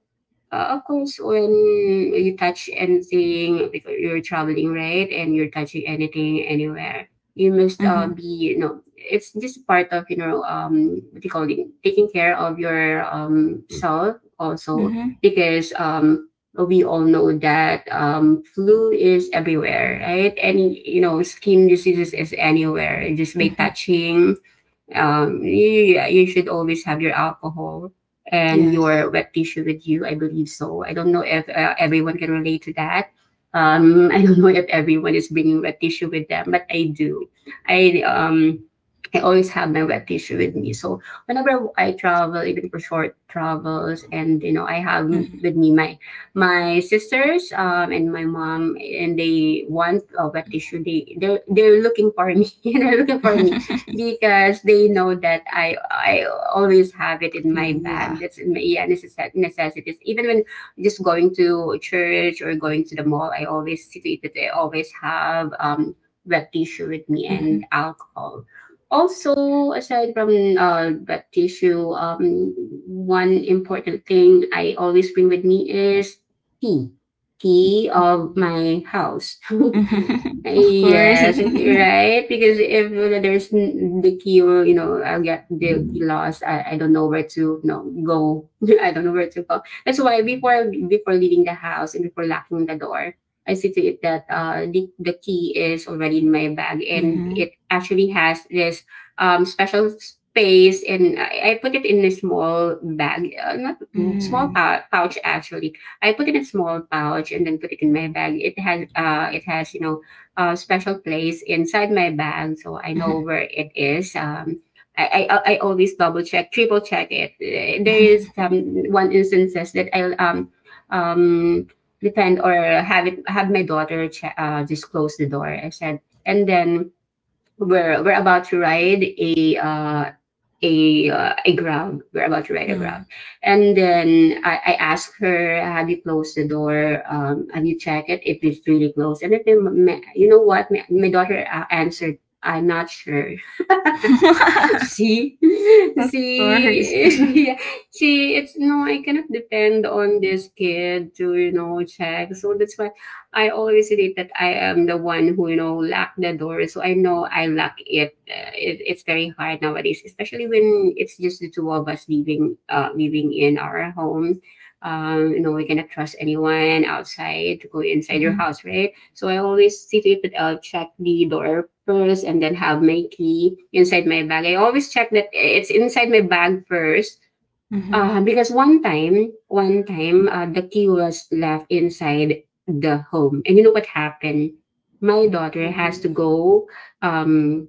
[SPEAKER 2] uh, of course, when you touch anything, if you're traveling, right, and you're touching anything anywhere, you must
[SPEAKER 1] Mhm.
[SPEAKER 2] be, it's just part of, what do you call it, taking care of your self also,
[SPEAKER 1] Mhm.
[SPEAKER 2] because we all know that flu is everywhere, right? And, you know, skin diseases is anywhere, just by
[SPEAKER 1] Mhm.
[SPEAKER 2] touching you should always have your alcohol and your
[SPEAKER 1] Yes.
[SPEAKER 2] wet tissue with you. I believe so. I don't know if everyone can relate to that. I don't know if everyone is bringing wet tissue with them, but I do. I um, I always have my wet tissue with me. So whenever I travel, even for short travels, and you know, I have
[SPEAKER 1] Mhm.
[SPEAKER 2] with me my sisters and my mom, and they want a wet tissue. They're looking for me. And they're looking for me because they know that I always have it in my
[SPEAKER 1] Green,
[SPEAKER 2] bag.
[SPEAKER 1] yeah.
[SPEAKER 2] That's in my yeah, necessities. Even when just going to church or going to the mall, I always see that I always have wet tissue with me and
[SPEAKER 1] Mhm.
[SPEAKER 2] alcohol. Also, aside from wet tissue, one important thing I always bring with me is tea. Tea of
[SPEAKER 1] Mhm.
[SPEAKER 2] my house.
[SPEAKER 1] Of course.
[SPEAKER 2] Yes, right? Because if there's the key, will, you know, I'll get the key lost. I don't know where to, you know, go. I don't know where to go. That's why before leaving the house and before locking the door, I see to it that the key is already in my bag and
[SPEAKER 1] Mhm.
[SPEAKER 2] it actually has this special space and I put it in a small bag, not
[SPEAKER 1] Mm.
[SPEAKER 2] pouch actually. I put it in a small pouch and then put it in my bag. It has you know a special place inside my bag so I know
[SPEAKER 1] Mhm.
[SPEAKER 2] where it is. I always double check, triple check it. There is
[SPEAKER 1] Mhm.
[SPEAKER 2] one instances that I'll um, depend or have it have my daughter just close the door. I said, and then we're about to ride a a grab. We're about to ride a
[SPEAKER 1] Mm.
[SPEAKER 2] grab, and then I asked her, "Have you closed the door? Have you checked it? If it's really closed?" And if they, you know what, my daughter answered, "I'm not sure." See?
[SPEAKER 1] Of course.
[SPEAKER 2] See? Yeah. See, it's no, I cannot depend on this kid to, you know, check. So that's why I always relate that I am the one who, you know, lock the door. So I know I lock it. It's very hard nowadays, especially when it's just the two of us living living in our home. You know, we cannot trust anyone outside to go inside your
[SPEAKER 1] Mhm.
[SPEAKER 2] house, right? So I always see to it that I'll check the door first and then have my key inside my bag. I always check that it's inside my bag first
[SPEAKER 1] Mhm.
[SPEAKER 2] because one time, the key was left inside the home. And you know what happened? My daughter has to
[SPEAKER 1] Oh.
[SPEAKER 2] go um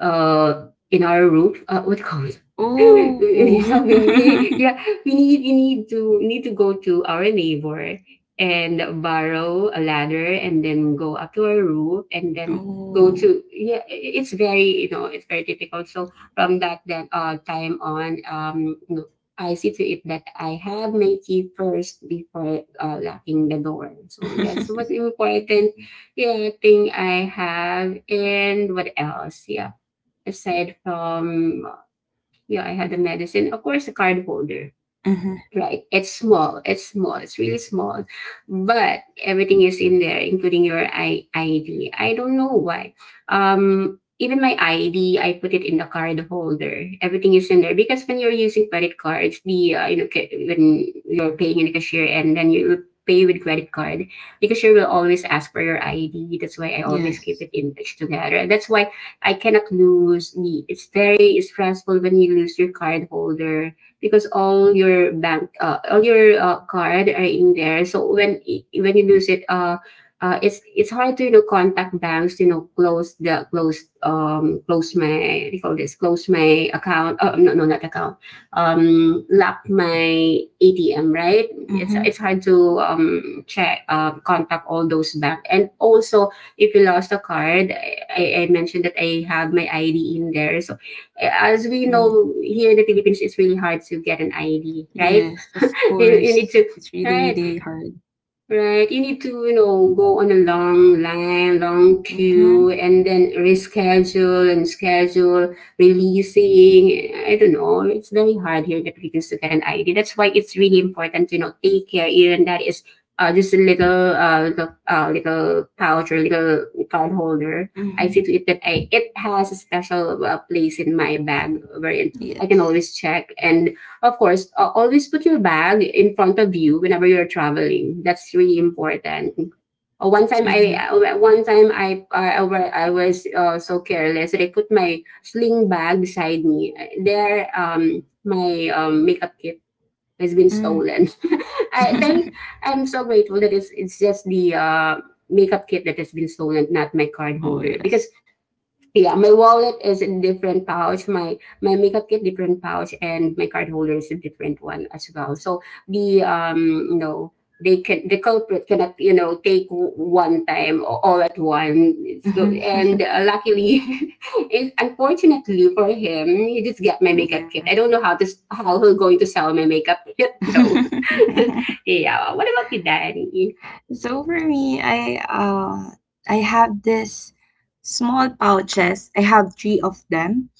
[SPEAKER 2] in our roof. What called?
[SPEAKER 1] Oh.
[SPEAKER 2] Yeah, we yeah, we need to go to our neighbor and borrow a ladder and then go up to our roof and then go
[SPEAKER 1] Oh.
[SPEAKER 2] to yeah it's very you know it's very difficult. So from that then time on, I see to it that I have my key first before locking the door. So that's what important yeah, thing I have. And what else? Yeah. Aside from, yeah, I had the medicine. Of course, the card holder.
[SPEAKER 1] Mhm.
[SPEAKER 2] Right. It's small. It's small. It's really small. But everything is in there, including your ID. I don't know why. Even my ID, I put it in the card holder. Everything is in there because when you're using credit cards, the you know when you're paying in the cashier and then you pay with credit card, the cashier will always ask for your ID. That's why I always keep it
[SPEAKER 1] Yes.
[SPEAKER 2] in touch together. That's why I cannot lose the. It's very stressful when you lose your card holder because all your bank all your card are in there. So when when you lose it, it's hard to you know contact banks, you know, close the close my what do you call this, close my account. Oh no, no, not account. Lock my ATM, right? it's
[SPEAKER 1] Mhm.
[SPEAKER 2] it's hard to check contact all those bank. And also if you lost a card, I mentioned that I have my ID in there. So as we
[SPEAKER 1] Mm.
[SPEAKER 2] know here in the Philippines, it's really hard to get an ID, right?
[SPEAKER 1] Yes, of
[SPEAKER 2] You need
[SPEAKER 1] course.
[SPEAKER 2] to,
[SPEAKER 1] It's really,
[SPEAKER 2] right?
[SPEAKER 1] really hard.
[SPEAKER 2] Right, you need to, you know, go on a long line, long queue,
[SPEAKER 1] Mhm.
[SPEAKER 2] and then reschedule and schedule, releasing. I don't know. It's very hard here in the Philippines to get an ID. That's why it's really important to, you know, take care, even that is just a little, little, little pouch or little card holder. I
[SPEAKER 1] Mhm.
[SPEAKER 2] see to it that I, it has a special place in my bag wherein I can
[SPEAKER 1] Yes.
[SPEAKER 2] always check. And of course, always put your bag in front of you whenever you're traveling. That's really important.
[SPEAKER 1] Mhm.
[SPEAKER 2] One time I was so careless that I put my sling bag beside me. There, my makeup kit has been
[SPEAKER 1] Mm.
[SPEAKER 2] stolen. I think I'm so grateful that it's just the makeup kit that has been stolen, not my card
[SPEAKER 1] Oh,
[SPEAKER 2] holder, because
[SPEAKER 1] yes.
[SPEAKER 2] yeah, my wallet is in different pouch. My makeup kit different pouch, and my card holder is a different one as well. So the you know they can the culprit cannot you know take one time or all at one. So and luckily, it, unfortunately for him, he just get my makeup kit.
[SPEAKER 1] Yeah.
[SPEAKER 2] I don't know how to how he's going to sell my makeup kit though. Yeah. What about you, Danny?
[SPEAKER 1] So for me, I have this small pouches. I have three of them.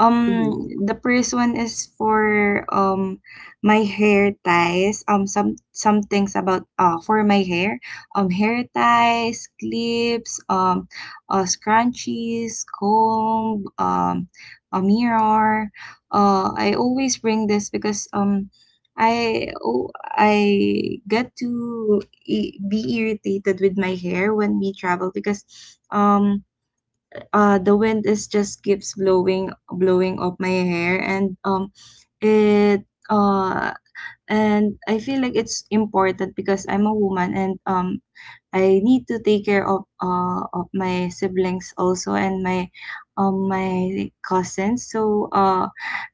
[SPEAKER 2] Mm-hmm.
[SPEAKER 1] The first one is for my hair ties. Some things about for my hair. Hair ties, clips, scrunchies, comb, a mirror. I always bring this because I oh, I get to be irritated with my hair when we travel because um the wind is just keeps blowing up my hair and um it uh and I feel like it's important because I'm a woman, and I need to take care of my siblings also and my my cousins. So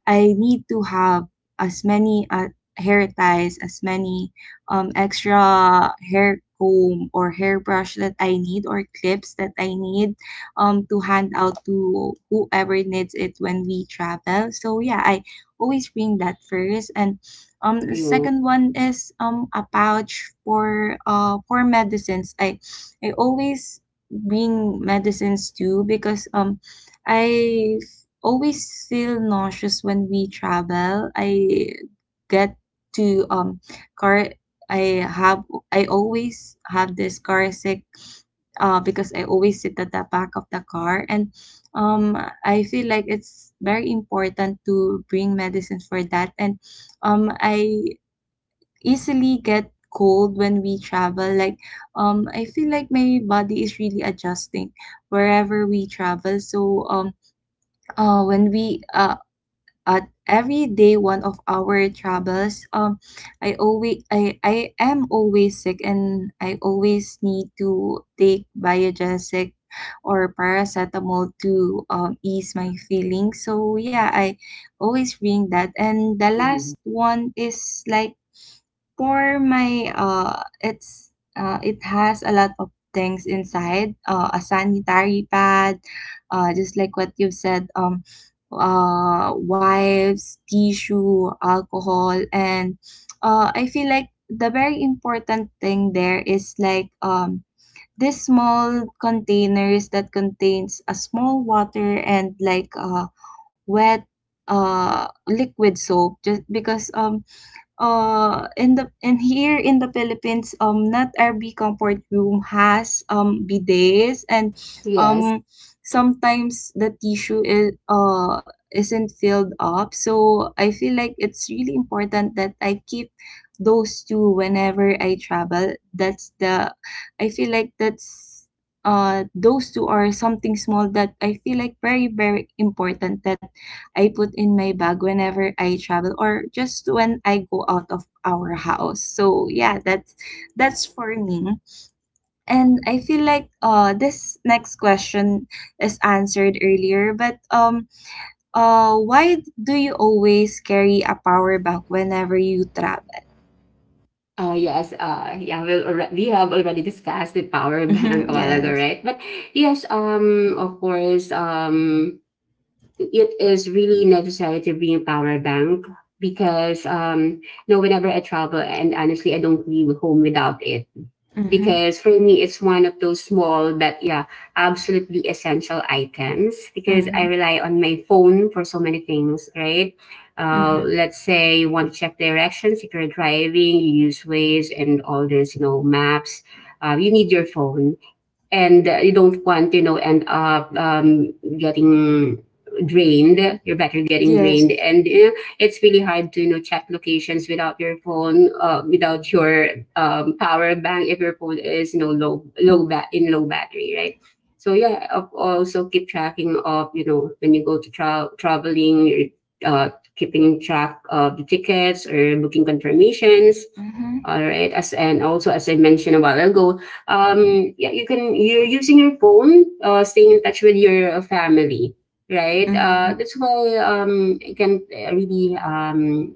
[SPEAKER 1] I need to have as many hair ties, as many extra hair comb or hairbrush that I need or clips that I need to hand out to whoever needs it when we travel. So yeah, I always bring that first. And the
[SPEAKER 2] Yeah.
[SPEAKER 1] second one is a pouch for medicines. I always bring medicines too because I always feel nauseous when we travel. I get to car I have I always have this car sick because I always sit at the back of the car, and um I feel like it's very important to bring medicine for that. And I easily get cold when we travel, like I feel like my body is really adjusting wherever we travel. So when we at every day, one of our troubles, I am always sick and I always need to take biogesic or paracetamol to ease my feelings. So yeah, I always bring that. And the last
[SPEAKER 2] Mm-hmm.
[SPEAKER 1] one is like for my it has a lot of things inside. A sanitary pad, uh, just like what you said, wipes, tissue, alcohol, and I feel like the very important thing there is like this small containers that contains a small water, and like wet liquid soap, just because in the and here in the Philippines, not every comfort room has bidets. And
[SPEAKER 2] Yes.
[SPEAKER 1] um sometimes the tissue is isn't filled up, so I feel like it's really important that I keep those two whenever I travel. That's the I feel like that's Those two are something small that I feel like very very important that I put in my bag whenever I travel, or just when I go out of our house. So yeah, that's for me. And I feel like this next question is answered earlier, but why do you always carry a power bank whenever you travel?
[SPEAKER 2] Yes, yeah, we have already discussed the power bank
[SPEAKER 1] Mm-hmm,
[SPEAKER 2] a while ago,
[SPEAKER 1] yes.
[SPEAKER 2] right? But yes, of course, it is really necessary to bring a power bank because, you know, whenever I travel, and honestly, I don't leave home without it
[SPEAKER 1] Mm-hmm,
[SPEAKER 2] because for me it's one of those small but yeah absolutely essential items because
[SPEAKER 1] mm-hmm,
[SPEAKER 2] I rely on my phone for so many things, right?
[SPEAKER 1] mm-hmm.
[SPEAKER 2] Let's say you want to check directions if you're driving, you use ways and all this, you know, maps. You need your phone. And you don't want to, you know, end up getting drained, your battery getting drained,
[SPEAKER 1] Yes.
[SPEAKER 2] and you know, it's really hard to you know check locations without your phone, without your power bank, if your phone is you know low in low battery, right? So yeah, also keep tracking of you know when you go to traveling, you're, keeping track of the tickets or booking confirmations,
[SPEAKER 1] Mm-hmm,
[SPEAKER 2] all right. As and also as I mentioned a while ago, yeah, you can you're using your phone, staying in touch with your family, right?
[SPEAKER 1] mm-hmm,
[SPEAKER 2] That's why I can really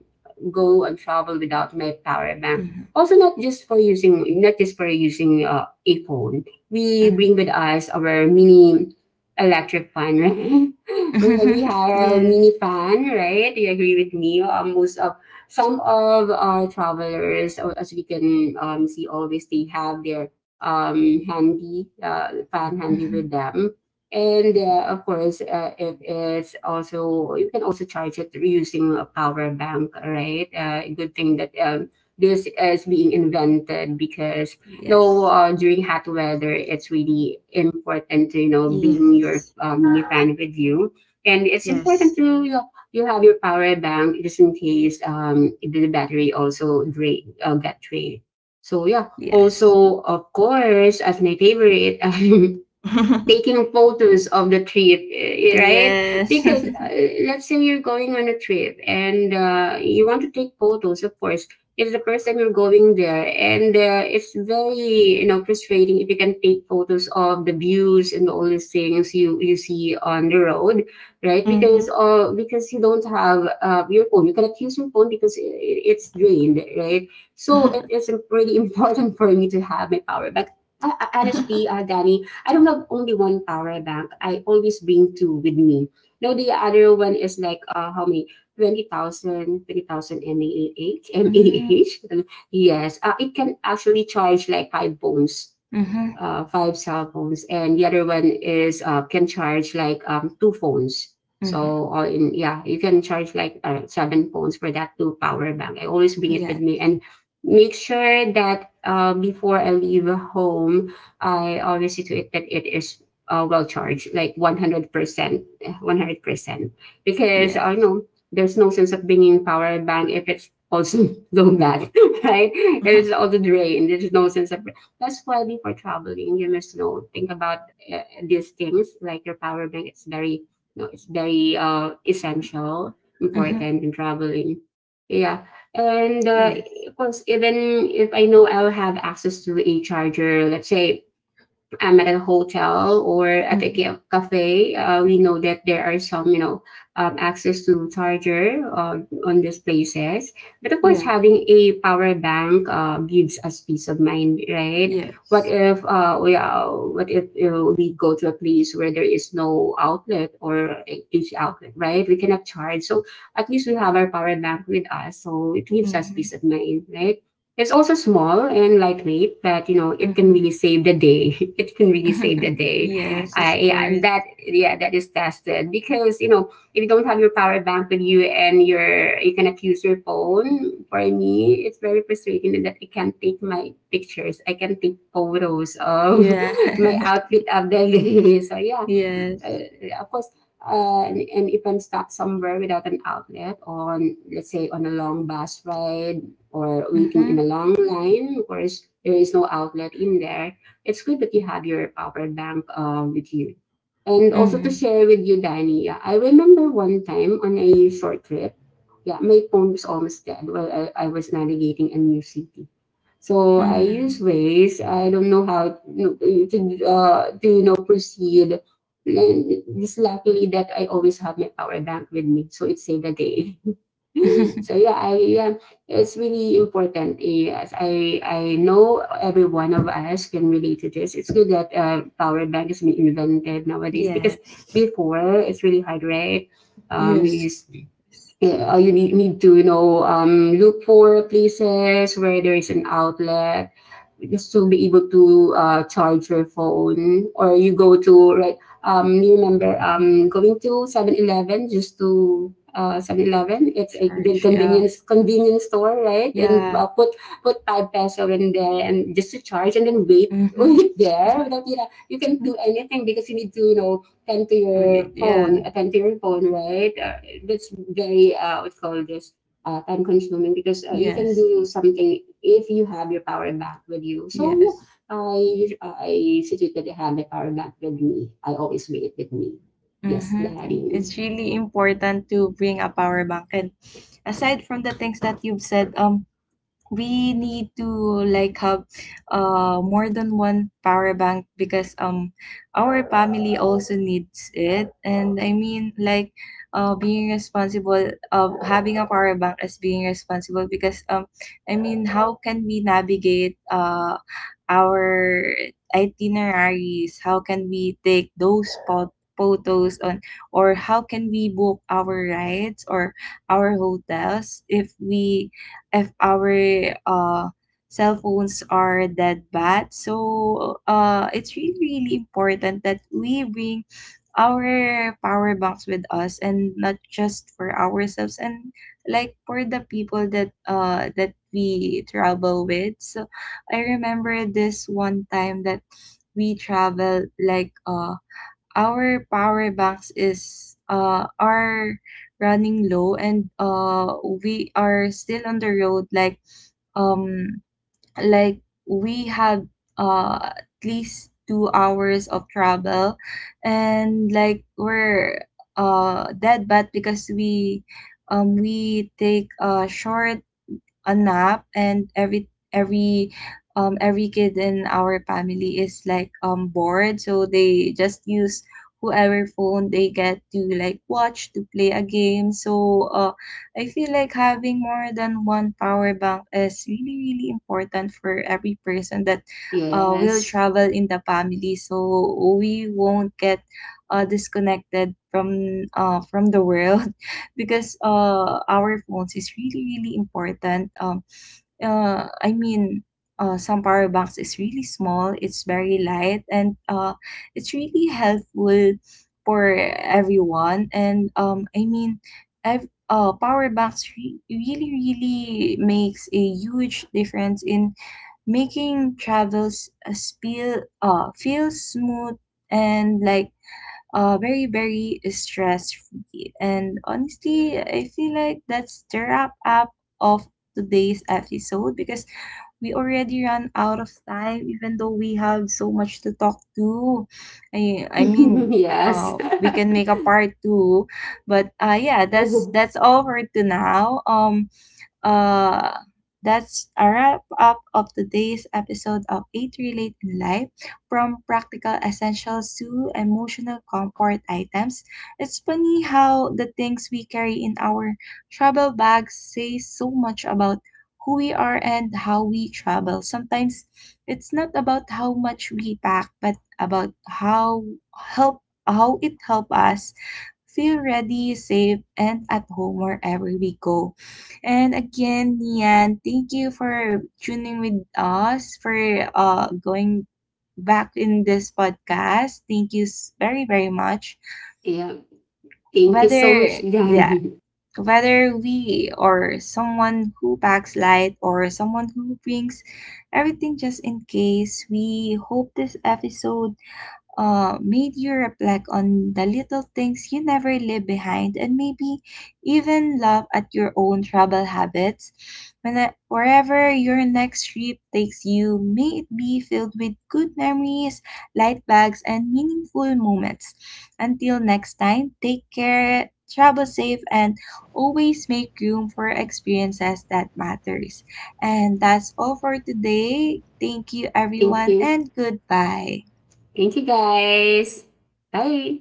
[SPEAKER 2] go and travel without my power bank.
[SPEAKER 1] mm-hmm,
[SPEAKER 2] Also, not just for using a phone, we bring with us our mini electric fan, right? We
[SPEAKER 1] mm-hmm.
[SPEAKER 2] have a
[SPEAKER 1] Yes.
[SPEAKER 2] mini fan, right? Do you agree with me? Most of Some of our travelers, as we can see, always they have their handy, found handy
[SPEAKER 1] Mm-hmm.
[SPEAKER 2] with them. And of course, it is also, you can also charge it using a power bank, right? Good thing that this is being invented because no,
[SPEAKER 1] Yes.
[SPEAKER 2] during hot weather, it's really important to, you know, bring your
[SPEAKER 1] Yes.
[SPEAKER 2] mini fan with you. And it's important
[SPEAKER 1] Yes.
[SPEAKER 2] to, you have your power bank just in case the battery also get drained. So yeah,
[SPEAKER 1] Yes.
[SPEAKER 2] also, of course, as my favorite, taking photos of the trip, eh, right?
[SPEAKER 1] Yes.
[SPEAKER 2] Because let's say you're going on a trip, and you want to take photos, of course. It's the first time you're going there, and it's very frustrating if you can take photos of the views and all these things you see on the road, right?
[SPEAKER 1] Mhm.
[SPEAKER 2] Because you don't have your phone, you cannot use your phone because it's drained, right? So it is pretty important for me to have my power. But honestly, Danny, I don't have only one power bank. I always bring two with me. Now the other one is like how many? Twenty thousand 20,000 m a h m a
[SPEAKER 1] Mm.
[SPEAKER 2] h Yes, it can actually charge like five phones
[SPEAKER 1] Mhm.
[SPEAKER 2] five cell phones, and the other one is can charge like two phones.
[SPEAKER 1] Mhm.
[SPEAKER 2] So all in, yeah, you can charge like seven phones for that two power bank. I always bring it with me
[SPEAKER 1] Yes.
[SPEAKER 2] and make sure that before I leave home, I always see to it that it is well charged, like 100%, 100%. Because I
[SPEAKER 1] Yes.
[SPEAKER 2] know there's no sense of bringing power bank if it's also low back, right? It's also drained. There's no sense of. That's why before traveling, you must know think about these things like your power bank. It's very essential,
[SPEAKER 1] Mhm.
[SPEAKER 2] important in traveling. Yeah, and
[SPEAKER 1] Yes.
[SPEAKER 2] of course, even if I know I'll have access to a charger, let's say I'm at a hotel or at a
[SPEAKER 1] Mhm.
[SPEAKER 2] cafe, we know that there are some, access to charger on these places. But of course,
[SPEAKER 1] Yes.
[SPEAKER 2] having a power bank gives us peace of mind, right? What
[SPEAKER 1] Yes.
[SPEAKER 2] if uh, we uh, what if we go to a place where there is no outlet or a AC outlet, right? We cannot charge, so at least we have our power bank with us, so it gives us peace
[SPEAKER 1] Mhm.
[SPEAKER 2] of mind, right? It's also small and lightweight, but it can
[SPEAKER 1] Mhm.
[SPEAKER 2] really save the day. It can really save the day.
[SPEAKER 1] Yes,
[SPEAKER 2] Uh,
[SPEAKER 1] of
[SPEAKER 2] yeah,
[SPEAKER 1] course.
[SPEAKER 2] that is tested because if you don't have your power bank with you and you cannot use your phone, for me, it's very frustrating that I can't take my pictures. I can take photos of
[SPEAKER 1] Yeah.
[SPEAKER 2] my outfit of the day. So yeah,
[SPEAKER 1] Yes.
[SPEAKER 2] uh, of course, and if an event stuck somewhere without an outlet on, let's say, on a long bus ride or waiting in a
[SPEAKER 1] Mhm.
[SPEAKER 2] long line, of course, there is no outlet in there. It's good that you have your power bank with you. And also to
[SPEAKER 1] Mhm.
[SPEAKER 2] share with you, Danny, yeah, I remember one time on a short trip, yeah, my phone was almost dead while I was navigating a new city. So I
[SPEAKER 1] Mm.
[SPEAKER 2] use Waze. I don't know how to proceed, and just luckily that I always have my power bank with me, so it saved the day. So yeah, I yeah, it's really important. Yes, I know every one of us can relate to this. It's good that power bank has been invented nowadays because
[SPEAKER 1] Yes.
[SPEAKER 2] before it's really hard, right? Um, you
[SPEAKER 1] Yes.
[SPEAKER 2] use you need to look for places where there is an outlet just to be able to charge your phone, or you go to, right? You remember going to 7-Eleven just to 7-Eleven, it's a big
[SPEAKER 1] Charge. Yeah.
[SPEAKER 2] convenience store, right? and
[SPEAKER 1] Yeah.
[SPEAKER 2] uh, put put 5 peso in there and just to charge, and then wait
[SPEAKER 1] Mhm.
[SPEAKER 2] wait there without you can do anything because you need to attend to your
[SPEAKER 1] We-
[SPEAKER 2] phone,
[SPEAKER 1] Yeah.
[SPEAKER 2] you attend to your phone, right? That's very what you call this time consuming because
[SPEAKER 1] Yeah.
[SPEAKER 2] you can
[SPEAKER 1] Yes.
[SPEAKER 2] do something if you have your power bank with you. So
[SPEAKER 1] Yes.
[SPEAKER 2] yeah, I situated to have my power bank with me. I always bring it with me. Yes,
[SPEAKER 1] Mm-hmm.
[SPEAKER 2] daddy.
[SPEAKER 1] It's really important to bring a power bank. And aside from the things that you've said, we need to like have more than one power bank, because our family also needs it. And I mean, like, being responsible of having a power bank, as being responsible, because I mean, how can we navigate our itineraries? How can we take those pot photos on, or how can we book our rides or our hotels if we, if our uh, cell phones are that bad? So it's really, really important that we bring our power banks with us, and not just for ourselves, and like for the people that that we travel with. So I remember this one time that we travel, like our power banks is are running low, and we are still on the road, like um like we had at least 2 hours of travel, and like we're dead bad, because we take a short a nap. And every kid in our family is like bored, so they just use whoever phone they get to like watch to play a game. So I feel like having more than one power bank is really really important for every person that will
[SPEAKER 2] Yes.
[SPEAKER 1] travel in the family, so we won't get disconnected from the world, because our phones is really really important. Uh i mean some power banks is really small, it's very light, and it's really helpful for everyone. And power banks really really makes a huge difference in making travels feel smooth and like very, very stress free. And honestly, I feel like that's the wrap up of today's episode, because we already ran out of time, even though we have so much to talk to. I, I mean,
[SPEAKER 2] Yes.
[SPEAKER 1] we can make a part two, but yeah, that's all for to now. Uh, that's a wrap up of today's episode of Eight Relate in Life. From practical essentials to emotional comfort items, it's funny how the things we carry in our travel bags say so much about who we are and how we travel. Sometimes it's not about how much we pack, but about how help how it help us feel ready, safe, and at home wherever we go. And again, Nian, thank you for tuning with us for going back in this podcast. Thank you very very much.
[SPEAKER 2] Yeah. Thank you so much,
[SPEAKER 1] Whether yeah,
[SPEAKER 2] Danny.
[SPEAKER 1] whether we or someone who packs light, or someone who brings everything just in case, we hope this episode made you reflect on the little things you never leave behind, and maybe even laugh at your own travel habits. When, wherever your next trip takes you, may it be filled with good memories, light bags, and meaningful moments. Until next time, take care, travel safe, and always make room for experiences that matters. And that's all for today. Thank you
[SPEAKER 2] Thank
[SPEAKER 1] everyone,
[SPEAKER 2] you.
[SPEAKER 1] and goodbye.
[SPEAKER 2] Thank you, guys. Bye.